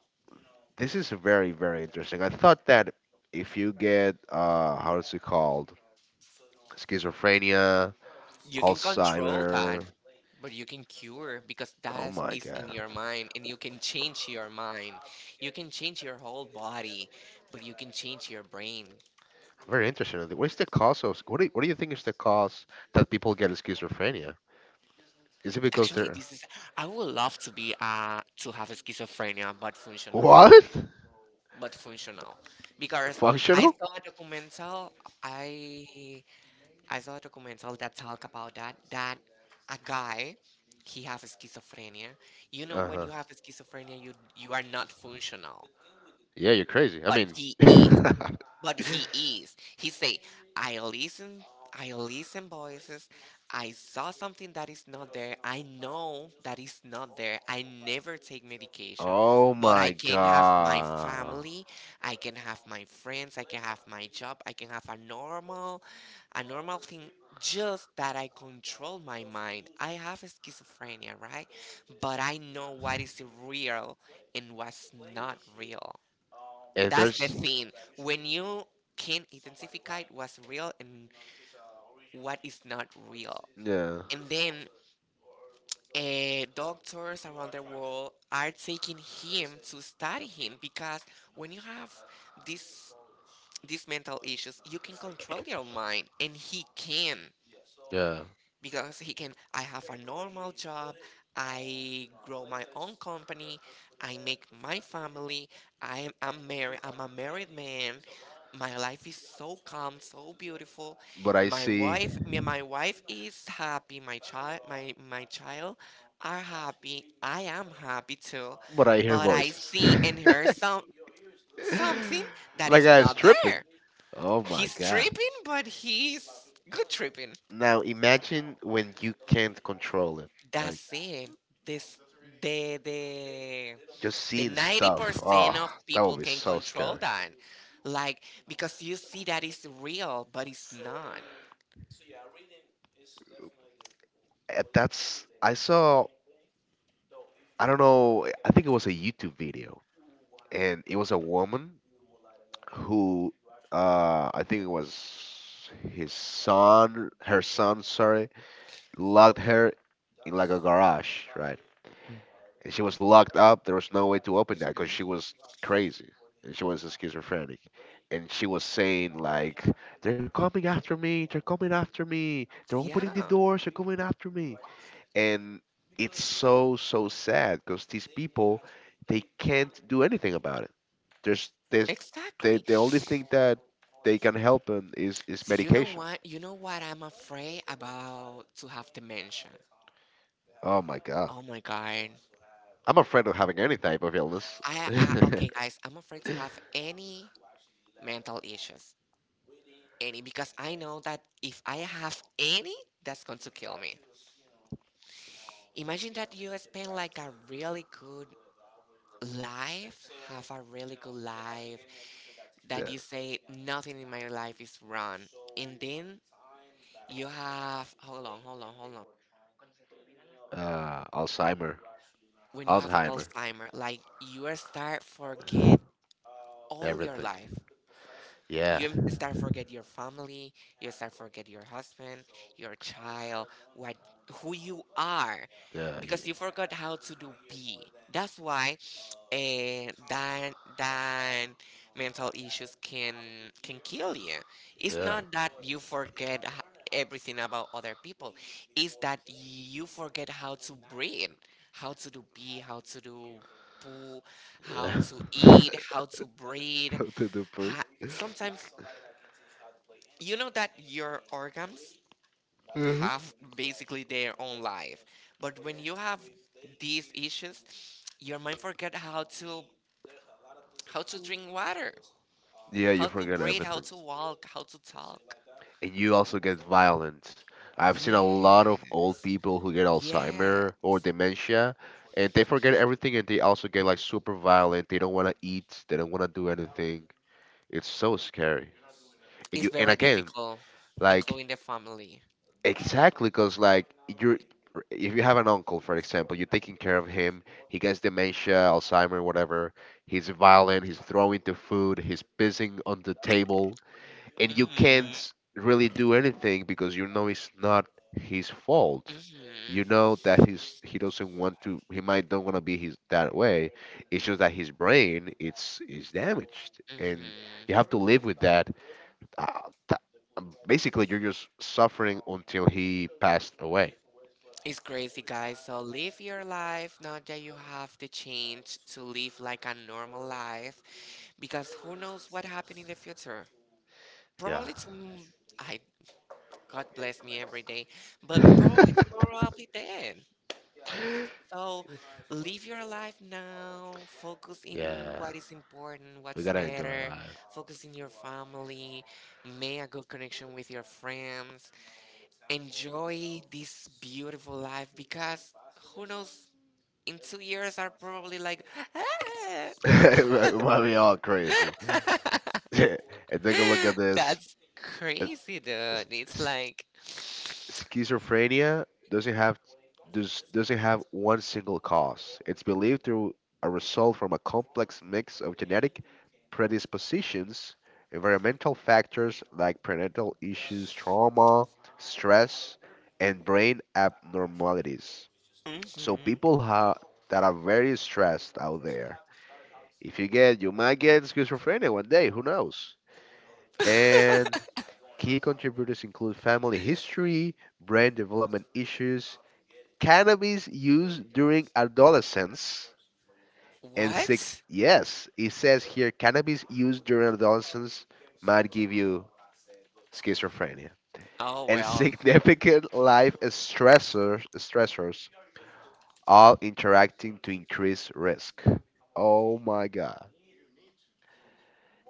Speaker 1: this is very very interesting. I thought that if you get uh, how is it called, schizophrenia,
Speaker 2: You can control that,
Speaker 1: Alzheimer.
Speaker 2: but you can cure because
Speaker 1: Oh
Speaker 2: that
Speaker 1: my,
Speaker 2: is in your mind and you can change your mind. You can change your whole body, but you can change your brain.
Speaker 1: very interesting. What is the cause of? What do you, what do you think is the cause that people get schizophrenia? Is it because
Speaker 2: Actually,
Speaker 1: they're?
Speaker 2: this is I would love to be uh to have schizophrenia but functional. But functional. Because I saw a documental I I saw a documentary that talk about that that a guy he have schizophrenia. You know when you have schizophrenia you you are not functional,
Speaker 1: Yeah, you're crazy.
Speaker 2: but
Speaker 1: and
Speaker 2: he is. But he is. He say, I listen, I listen voices. I saw something that is not there. I know that is not there. I never take medication, but I can have my family. I can have my friends. I can have my job. I can have a normal, a normal thing. Just that I control my mind. I have schizophrenia, right? But I know what is real and what's not real. That's the thing. When you can identify what's real and what is not real. And then uh, doctors around the world are taking him to study him because when you have this these mental issues, you can control your mind and he can. Because he can, I have a normal job, I grow my own company, I make my family, i am I'm married, I'm a married man, my life is so calm, so beautiful.
Speaker 1: but I
Speaker 2: My wife me- my wife is happy, my child, my my child are happy, I am happy too,
Speaker 1: but I hear
Speaker 2: but I see in her some something that is not
Speaker 1: tripping.
Speaker 2: there.
Speaker 1: Oh my
Speaker 2: He's tripping, but he's good tripping.
Speaker 1: Now imagine when you can't control it.
Speaker 2: That's it. This the the
Speaker 1: Just
Speaker 2: the
Speaker 1: see,
Speaker 2: ninety percent of people can control that, like because you see that it's real, but it's not.
Speaker 1: uh, that's I saw. I don't know. I think it was a YouTube video, and it was a woman who, uh, I think it was his son, her son, sorry, locked her in like a garage, right? And she was locked up. There was no way to open that because she
Speaker 2: Mhm.
Speaker 1: was crazy and she was schizophrenic. And she was saying like, "They're coming after me! They're coming after me! They're opening the
Speaker 2: Yeah,
Speaker 1: doors! They're coming after me!" And it's so so sad because these people, they can't do anything about it. There's they, they,
Speaker 2: exactly.
Speaker 1: the only thing that they can help them is is
Speaker 2: Do you know
Speaker 1: medication.
Speaker 2: what? You know what I'm afraid about? To have dementia. Oh my god.
Speaker 1: Afraid of having any type of illness.
Speaker 2: I, I okay, guys. I'm afraid to have any mental issues, any, because I know that if I have any, that's going to kill me. Imagine that you spend like a really good life, have a really good life, that you say nothing in my life is wrong. And then you have, hold on, hold on, hold on. When you have Alzheimer, like you are start forget all your life. You em- start forget your family, you start forget your husband, your child, what who you are, because you forgot how to do be. That's why eh, that that mental issues can can kill you. It's not that you forget h- everything about other people. It's that you forget how to breathe, how to do pee, how to do poo, how to eat, how to breathe.
Speaker 1: How to do po-.
Speaker 2: Ha- sometimes you know that your organs have basically their own life, but when you have these issues your mind forget how to how to drink water, how to breathe, how to walk, how to talk.
Speaker 1: And you also get violent. I've seen a lot of old
Speaker 2: Yes,
Speaker 1: people who get
Speaker 2: yes.
Speaker 1: Alzheimer or dementia, and they forget everything, and they also get like super violent. They don't want to eat. They don't want to do anything. It's so scary.
Speaker 2: It's very difficult,
Speaker 1: Like,
Speaker 2: including the family.
Speaker 1: exactly, cause like. R- if you have an uncle, for example, you're taking care of him, he gets dementia, Alzheimer, whatever, he's violent, he's throwing the food, he's pissing on the table, and you
Speaker 2: Hmm.
Speaker 1: can't really do anything because you know it's not his fault.
Speaker 2: Hmm.
Speaker 1: You know that he's he doesn't want to. He might don't want to be his that way. It's just that his brain it's is damaged, and
Speaker 2: Hmm.
Speaker 1: you have to live with that. Uh, th- Basically, you're just suffering until he passed away.
Speaker 2: It's crazy, guys. So live your life now that you have the change to live like a normal life because who knows what happened in the future? Probably tomorrow. I, God bless me every day, but probably tomorrow I'll be dead. So live your life now. Focus in what is important, what's matter. Focus in your family. Make a good connection with your friends. Enjoy this beautiful life because who knows? In two years, are probably like.
Speaker 1: It might be all crazy.
Speaker 2: "Ah."
Speaker 1: And then the the
Speaker 2: That's crazy, dude. It's like,
Speaker 1: schizophrenia doesn't have. Does, doesn't have one single cause. It's believed through a result from a complex mix of genetic predispositions, environmental factors like parental issues, trauma, stress, and brain abnormalities. So
Speaker 2: mhm.
Speaker 1: people ha- that are very stressed out there, if you get, you might get schizophrenia one day. Who knows? And key contributors include family history, brain development issues, cannabis use during adolescence, and sig-
Speaker 2: What?
Speaker 1: yes, it says here cannabis use during adolescence might give you schizophrenia.
Speaker 2: Oh
Speaker 1: And
Speaker 2: well,
Speaker 1: significant life stressors, stressors all interacting to increase risk. Oh my god.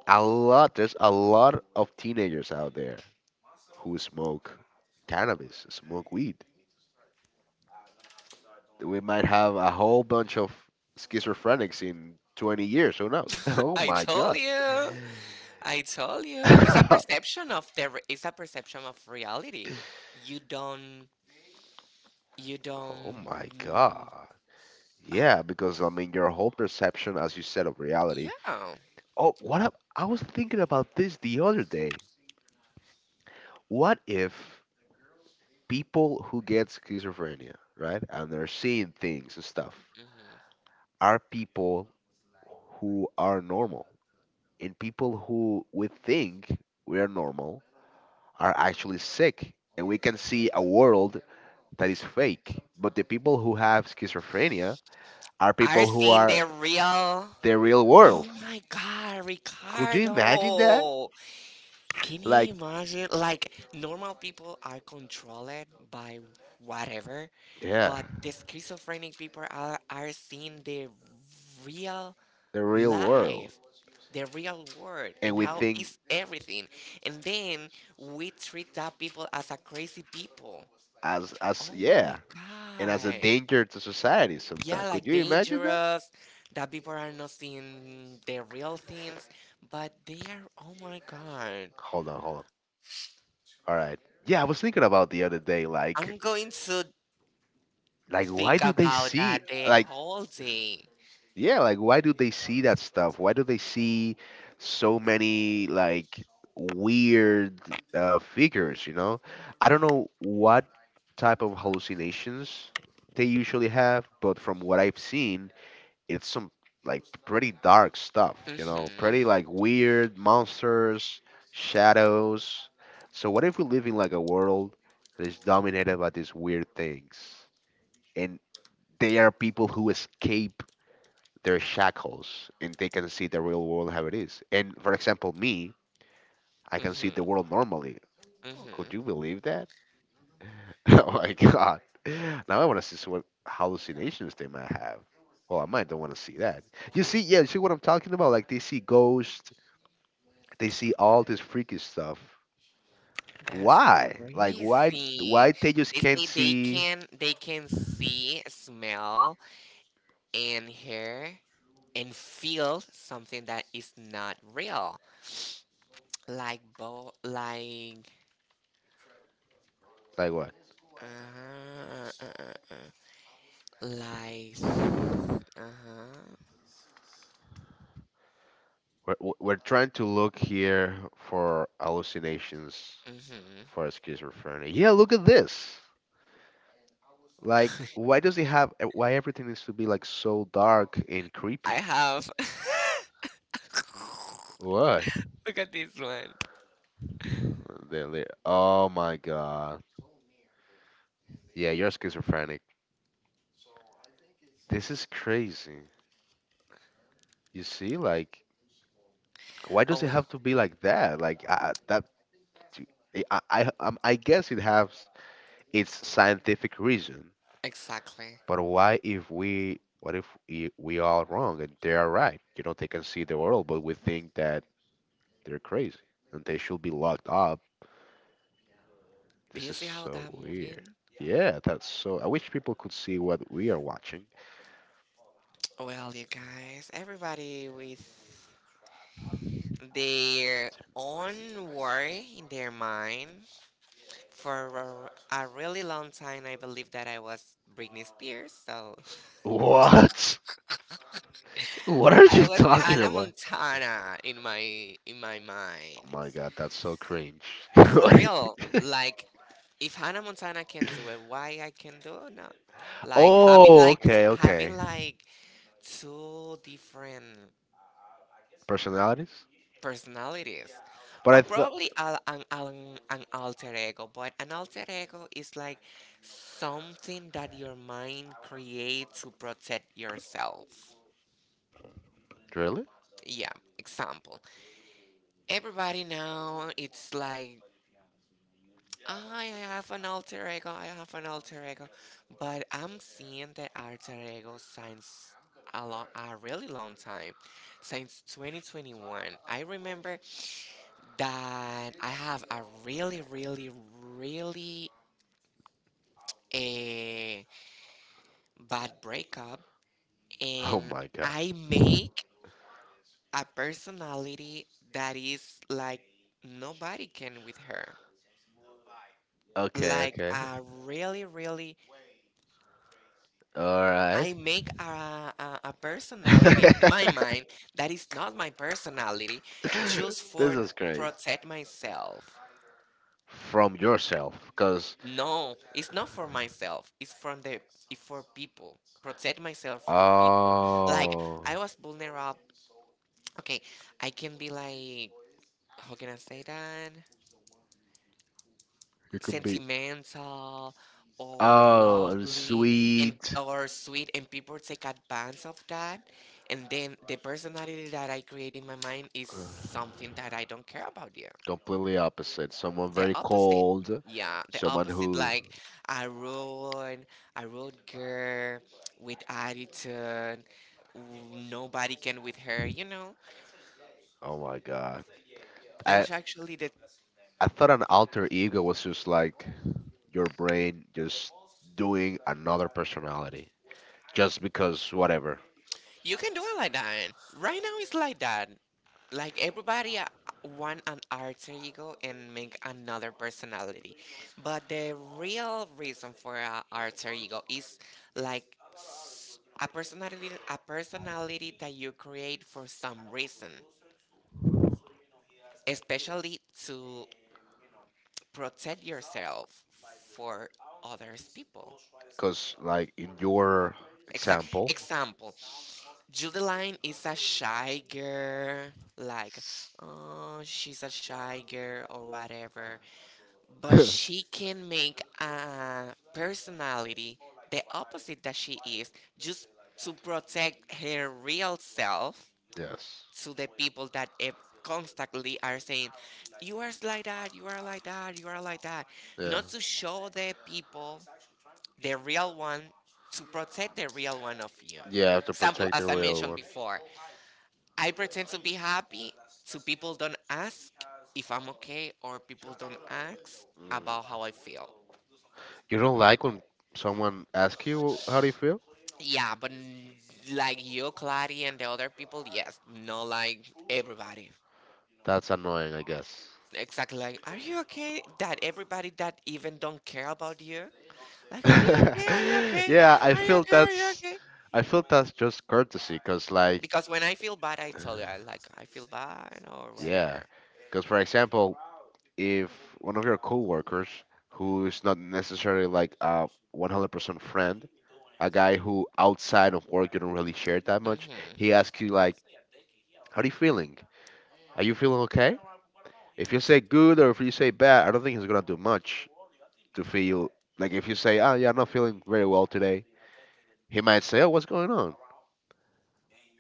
Speaker 1: a lot there's a lot of teenagers out there who smoke cannabis, smoke weed. We might have a whole bunch of schizophrenics in twenty years. Who knows? Oh
Speaker 2: I told you. I told you. It's a perception of the. re- It's a perception of reality. You don't. You don't.
Speaker 1: god.
Speaker 2: uh,
Speaker 1: Yeah, because I mean your whole perception, as you said, of reality.
Speaker 2: yeah.
Speaker 1: Oh, what ab- I was thinking about this the other. What if people who get schizophrenia, right, and they're seeing things and stuff,
Speaker 2: Hmm.
Speaker 1: are people who are normal, and people who we think we are normal are actually sick, and we can see a world that is fake, but the people who have schizophrenia are pe-
Speaker 2: Are seeing the real.
Speaker 1: the real
Speaker 2: Oh
Speaker 1: world,
Speaker 2: my God, Ricardo! Can you
Speaker 1: like.
Speaker 2: imagine? Like, normal people are controlled by whatever,
Speaker 1: Yeah,
Speaker 2: but the schizophrenic people are, are seeing the real
Speaker 1: the real world.
Speaker 2: life, the real world, and how
Speaker 1: And
Speaker 2: is everything. And then we treat that people as a crazy people.
Speaker 1: as as
Speaker 2: Oh my
Speaker 1: yeah, and as a
Speaker 2: God.
Speaker 1: danger to societies.
Speaker 2: Yeah, like dangerous, that people are not seeing the real things, but they are, oh my God.
Speaker 1: Hold on, hold on, all right. Yeah, I was thinking about the other day, like
Speaker 2: I'm going to
Speaker 1: like
Speaker 2: think about that the whole day.
Speaker 1: yeah, like why do they see that stuff? Why do they see so many like weird, uh, figures? you know I don't know what type of hallucinations they usually have, but from what I've seen, it's some like pretty dark stuff you know
Speaker 2: Mhm,
Speaker 1: pretty like weird monsters, shadows. So what if we live in like a world that is dominated by these weird things, and they are people who escape their shackles and they can see the real world how it is? And for example, me, I can see the
Speaker 2: mhm,
Speaker 1: world normally. Could
Speaker 2: mhm.
Speaker 1: you believe that? Oh my god. Now I want to see so what hallucinations they might have. Well, I might don't want to see that. You see, yeah, you see what I'm talking about? Like they see ghosts, they see all this freaky stuff.
Speaker 2: That's
Speaker 1: Why?
Speaker 2: crazy.
Speaker 1: Why they just
Speaker 2: They say they
Speaker 1: see,
Speaker 2: can they can see, smell, and hear and feel something that is not real, like bo like
Speaker 1: like, what?
Speaker 2: uh, uh, uh, uh, like uh huh.
Speaker 1: We're, we're we're trying to look here for hallucinations
Speaker 2: Mhm.
Speaker 1: for schizophrenia. Yeah, look at this. Like, why does it have? uh, Why everything needs to be like so dark and creepy?
Speaker 2: I have.
Speaker 1: Why?
Speaker 2: Look at this one.
Speaker 1: They- they- Oh my god. Yeah, you're schizophrenic. This is crazy. You see, like, why
Speaker 2: Oh,
Speaker 1: does it
Speaker 2: well,
Speaker 1: have to be like that? Like, I, I- that. I I I um, I guess it has its scientific reason,
Speaker 2: exactly.
Speaker 1: but why if we what if we, we are wrong and they are right? You know, they can see the world, but we think that they're crazy and they should be locked up.
Speaker 2: Do you see how
Speaker 1: So
Speaker 2: that
Speaker 1: weird.
Speaker 2: moving?
Speaker 1: Yeah, that's so. I wish people could see what we are watching.
Speaker 2: Well, you guys, everybody with their own worry in their mind. For a, a really long time, I believed that I was Britney Spears, so
Speaker 1: What? What are
Speaker 2: I
Speaker 1: you
Speaker 2: was
Speaker 1: talking
Speaker 2: Hannah
Speaker 1: about?
Speaker 2: Montana in my in my
Speaker 1: Oh
Speaker 2: mind.
Speaker 1: my god, that's so cringe.
Speaker 2: For real, like if Hannah Montana can do it, why I can do it? No, like having like t- having like two different
Speaker 1: Personalities?
Speaker 2: personalities, or
Speaker 1: But
Speaker 2: probably al- an, an, an alter ego, but an alter ego is like something that your mind creates to protect yourself. Yeah, example, everybody now it's like I have an alter ego, i have an alter ego but I'm seeing the alter ego since a, lo- a really long time, since twenty twenty-one. I remember that I have a really, really, really a bad breakup, and
Speaker 1: my god.
Speaker 2: I make a personality that is like nobody can with her. Like a really, really,
Speaker 1: All right.
Speaker 2: I make a, a a personality in my mind that is not my personality, just
Speaker 1: This
Speaker 2: for
Speaker 1: is.
Speaker 2: protect myself.
Speaker 1: From yourself. 'Cause-
Speaker 2: No, it's not for myself. It's from the it's for people. Protect myself for people. Like
Speaker 1: oh,
Speaker 2: I was vulnerable. Okay, I can be like how can I say that? Sentimental or lovely and
Speaker 1: sweet.
Speaker 2: or sweet, and people take advantage of that, and then the personality that I create in my mind is something that I don't care about you.
Speaker 1: Completely up
Speaker 2: The opposite.
Speaker 1: old.
Speaker 2: Yeah, the opposite. Like I run, I run girl with attitude. w- Nobody can with her. You know,
Speaker 1: Oh my god.
Speaker 2: that's actually the
Speaker 1: I thought an alter ego was just like your brain just doing another personality. Just because whatever.
Speaker 2: you can do it like that. Right now, it's like that. Like everybody uh, want an alter ego and make another personality, but the real reason for an alter ego is like s- a personality, a personality that you create for some reason, especially to protect yourself for others people. Exact
Speaker 1: Sample.
Speaker 2: Example. Judeline is a shy girl, like oh she's a shy girl or whatever. But she can make a personality the opposite that she is, just to protect her real self
Speaker 1: Yes.
Speaker 2: to the people that eh, constantly are saying, you are like that, you are like that, you are like that. Not to show the people the real one, to protect the real one of you. Example, as I mentioned before, I pretend to be happy, so people don't ask if I'm okay, or people don't ask about how I feel.
Speaker 1: You don't like when someone asks you how do you feel?
Speaker 2: Yeah, but n- like you, Clary, and the other people, yes, not like everybody.
Speaker 1: That's annoying, I guess.
Speaker 2: Exactly. Like, are you okay? That everybody that even don't care about you. Like, are you okay? Are you okay?
Speaker 1: Yeah, I
Speaker 2: Are you
Speaker 1: feel
Speaker 2: okay? Are you
Speaker 1: that's
Speaker 2: okay?
Speaker 1: I feel that's just courtesy, cuz like.
Speaker 2: Because when I feel bad, I tell you, I like, I feel bad or
Speaker 1: Yeah,
Speaker 2: whatever.
Speaker 1: cuz for example, if one of your coworkers who is not necessarily like a 100% friend, a guy who outside of work you don't really share that much,
Speaker 2: Hmm.
Speaker 1: he asks you like, "How are you feeling? Are you feeling okay?" If you say good or if you say bad, I don't think he's going to do much to feel. Like, if you say, "Oh, yeah, I'm not feeling very well too," he might say, "Oh, what's going on?"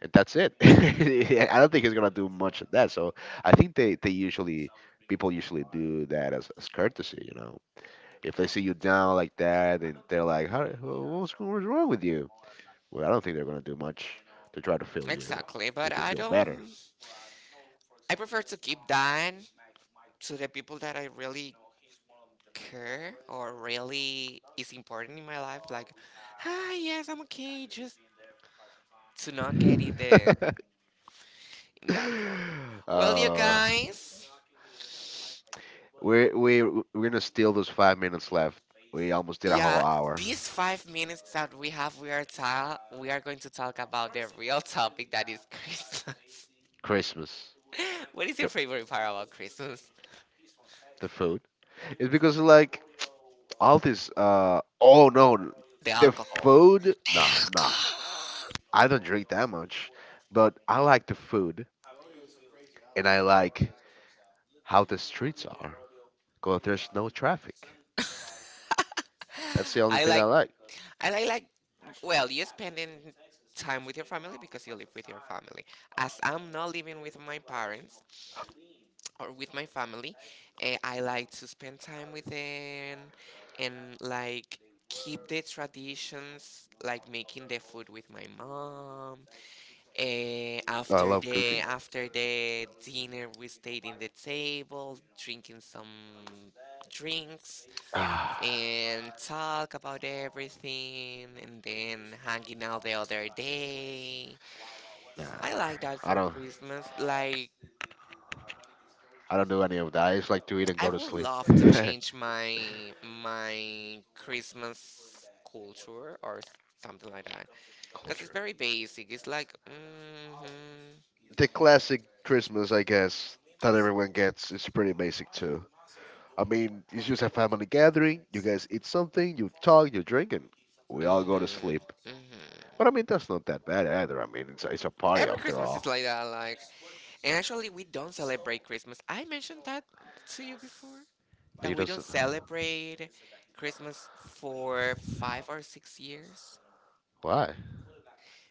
Speaker 1: And that's it. Don't think he's gonna do much of that. So I think they they usually do that as, as courtesy. You know, if they see you down like that, they're like, "How? What's go- what's wrong with?" Well, I don't think they're gonna do much, try to feel
Speaker 2: Exactly. But I
Speaker 1: feel.
Speaker 2: don't, I prefer to keep that to the people that I really care or really is important in my life. Like, hi, yes, I'm okay. Just to not get in the, in that point. Well, you
Speaker 1: uh,
Speaker 2: guys.
Speaker 1: we we're gonna steal those five minutes left. Almost did.
Speaker 2: Yeah, these five minutes that we have, we are ta- we are going to talk about the real topic that is Christmas.
Speaker 1: Christmas.
Speaker 2: What is your favorite part about Christmas?
Speaker 1: Food. It's because like all this. Uh oh no, n-
Speaker 2: The alcohol.
Speaker 1: food. Nah, nah. I don't drink that much, but I like the food. How to go through. That's the only
Speaker 2: I
Speaker 1: thing I
Speaker 2: like, I like, like. Well, you spending time with your family because you live with your family. As I'm not living with my parents or with my family, eh, I like to spend time with them and like keep the traditions, like making the food with my mom. Eh, after the after the dinner, we stayed in the table, drinking some drinks and talk about everything, and then hanging out the other day.
Speaker 1: nah,
Speaker 2: I like that
Speaker 1: I
Speaker 2: for
Speaker 1: don't,
Speaker 2: Christmas. Like
Speaker 1: I don't do any of that. I just like to eat, and
Speaker 2: I would love to change my my Christmas culture or s- something like that, because it's very basic. It's like. Mm hmm.
Speaker 1: the classic Christmas, I guess, that everyone gets is pretty basic too. I mean, it's just a family gathering. You guys eat something, you talk, you drink, and we all go to
Speaker 2: Hmm
Speaker 1: sleep. But
Speaker 2: hmm.
Speaker 1: I mean, that's not that bad either. I mean, it's it's a party.
Speaker 2: Every Christmas is like that, like, and actually we don't celebrate Christmas. I mentioned that to you before that we don't celebrate Christmas for five or six years
Speaker 1: Why?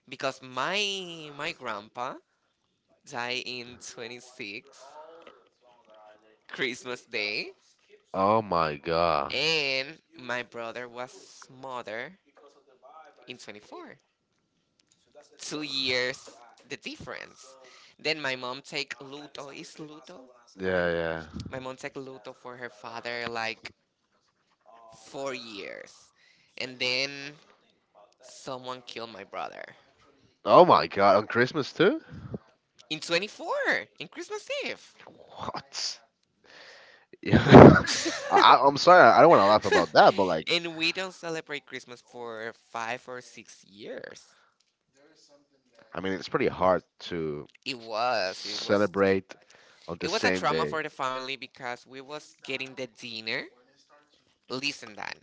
Speaker 2: because my my grandpa died in twenty six Christmas Day,
Speaker 1: Oh my god.
Speaker 2: and my brother was mother in twenty four. Two years the difference. Then my mom take luto. Is luto
Speaker 1: Yeah,
Speaker 2: right?
Speaker 1: yeah.
Speaker 2: My mom take luto for her father like four years. And then someone killed my brother
Speaker 1: Oh my god, on Christmas too?
Speaker 2: in twenty-four in Christmas Eve.
Speaker 1: What? Yeah. I, I- I'm sorry, I don't want to laugh that, but like,
Speaker 2: And we don't celebrate Christmas for five or six years.
Speaker 1: it's pretty hard to
Speaker 2: It was, it was,
Speaker 1: celebrate on
Speaker 2: it
Speaker 1: this.
Speaker 2: was a trauma for the family because we was getting the dinner. Listen, Dan,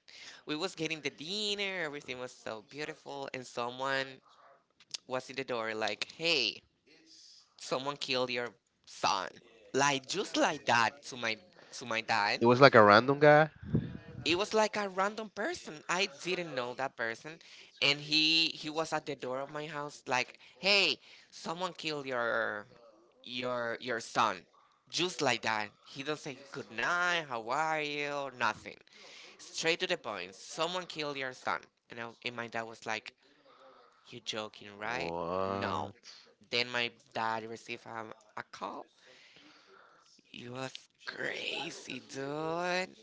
Speaker 2: we was getting the dinner. Everything was so beautiful, and someone was in the door like, "Hey, someone killed your son." Like just like that to my to my dad,
Speaker 1: It was like a guy.
Speaker 2: it was like a random person. I didn't know that person, and he he was at the door of my house like, "Hey, someone killed your your your son." Just like that. He don't say good night, how are you, nothing. Straight to the point. Someone killed your son. And, I, and my dad was like, "You joking, right?" No.
Speaker 1: What?
Speaker 2: Then my dad received um, a call. It was crazy, dude.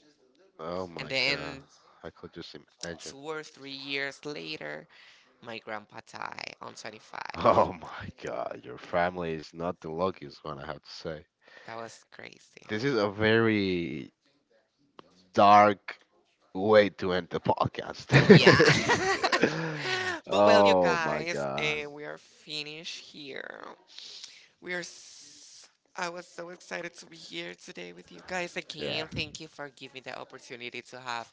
Speaker 1: Oh
Speaker 2: And
Speaker 1: my!
Speaker 2: then
Speaker 1: I could just imagine.
Speaker 2: two or three years later, my grandpa died on twenty-fifth.
Speaker 1: Oh my god, your family is not the luckiest one, I have to say.
Speaker 2: That was crazy.
Speaker 1: This is a very dark way to end the podcast.
Speaker 2: Yeah. But well, you guys, uh, we are finished here. We are. S- I was so excited to be here today with you guys again. Thank you for giving the opportunity to have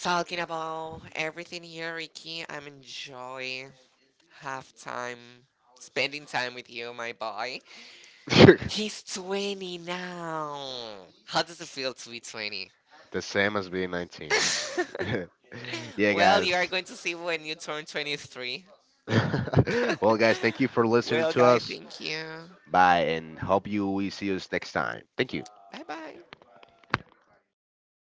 Speaker 2: talking about everything here, Ricky. I'm enjoying half time spending time with you, my boy. He's twenty now. How does it feel to be twenty?
Speaker 1: The same as being nineteen. Yeah,
Speaker 2: Well, you
Speaker 1: guys.
Speaker 2: are going to see when you turn twenty-three.
Speaker 1: Well, guys, thank you for listening
Speaker 2: Well,
Speaker 1: to
Speaker 2: guy,
Speaker 1: us.
Speaker 2: thank you.
Speaker 1: Bye, and hope you we see us next time. Thank
Speaker 2: Bye bye.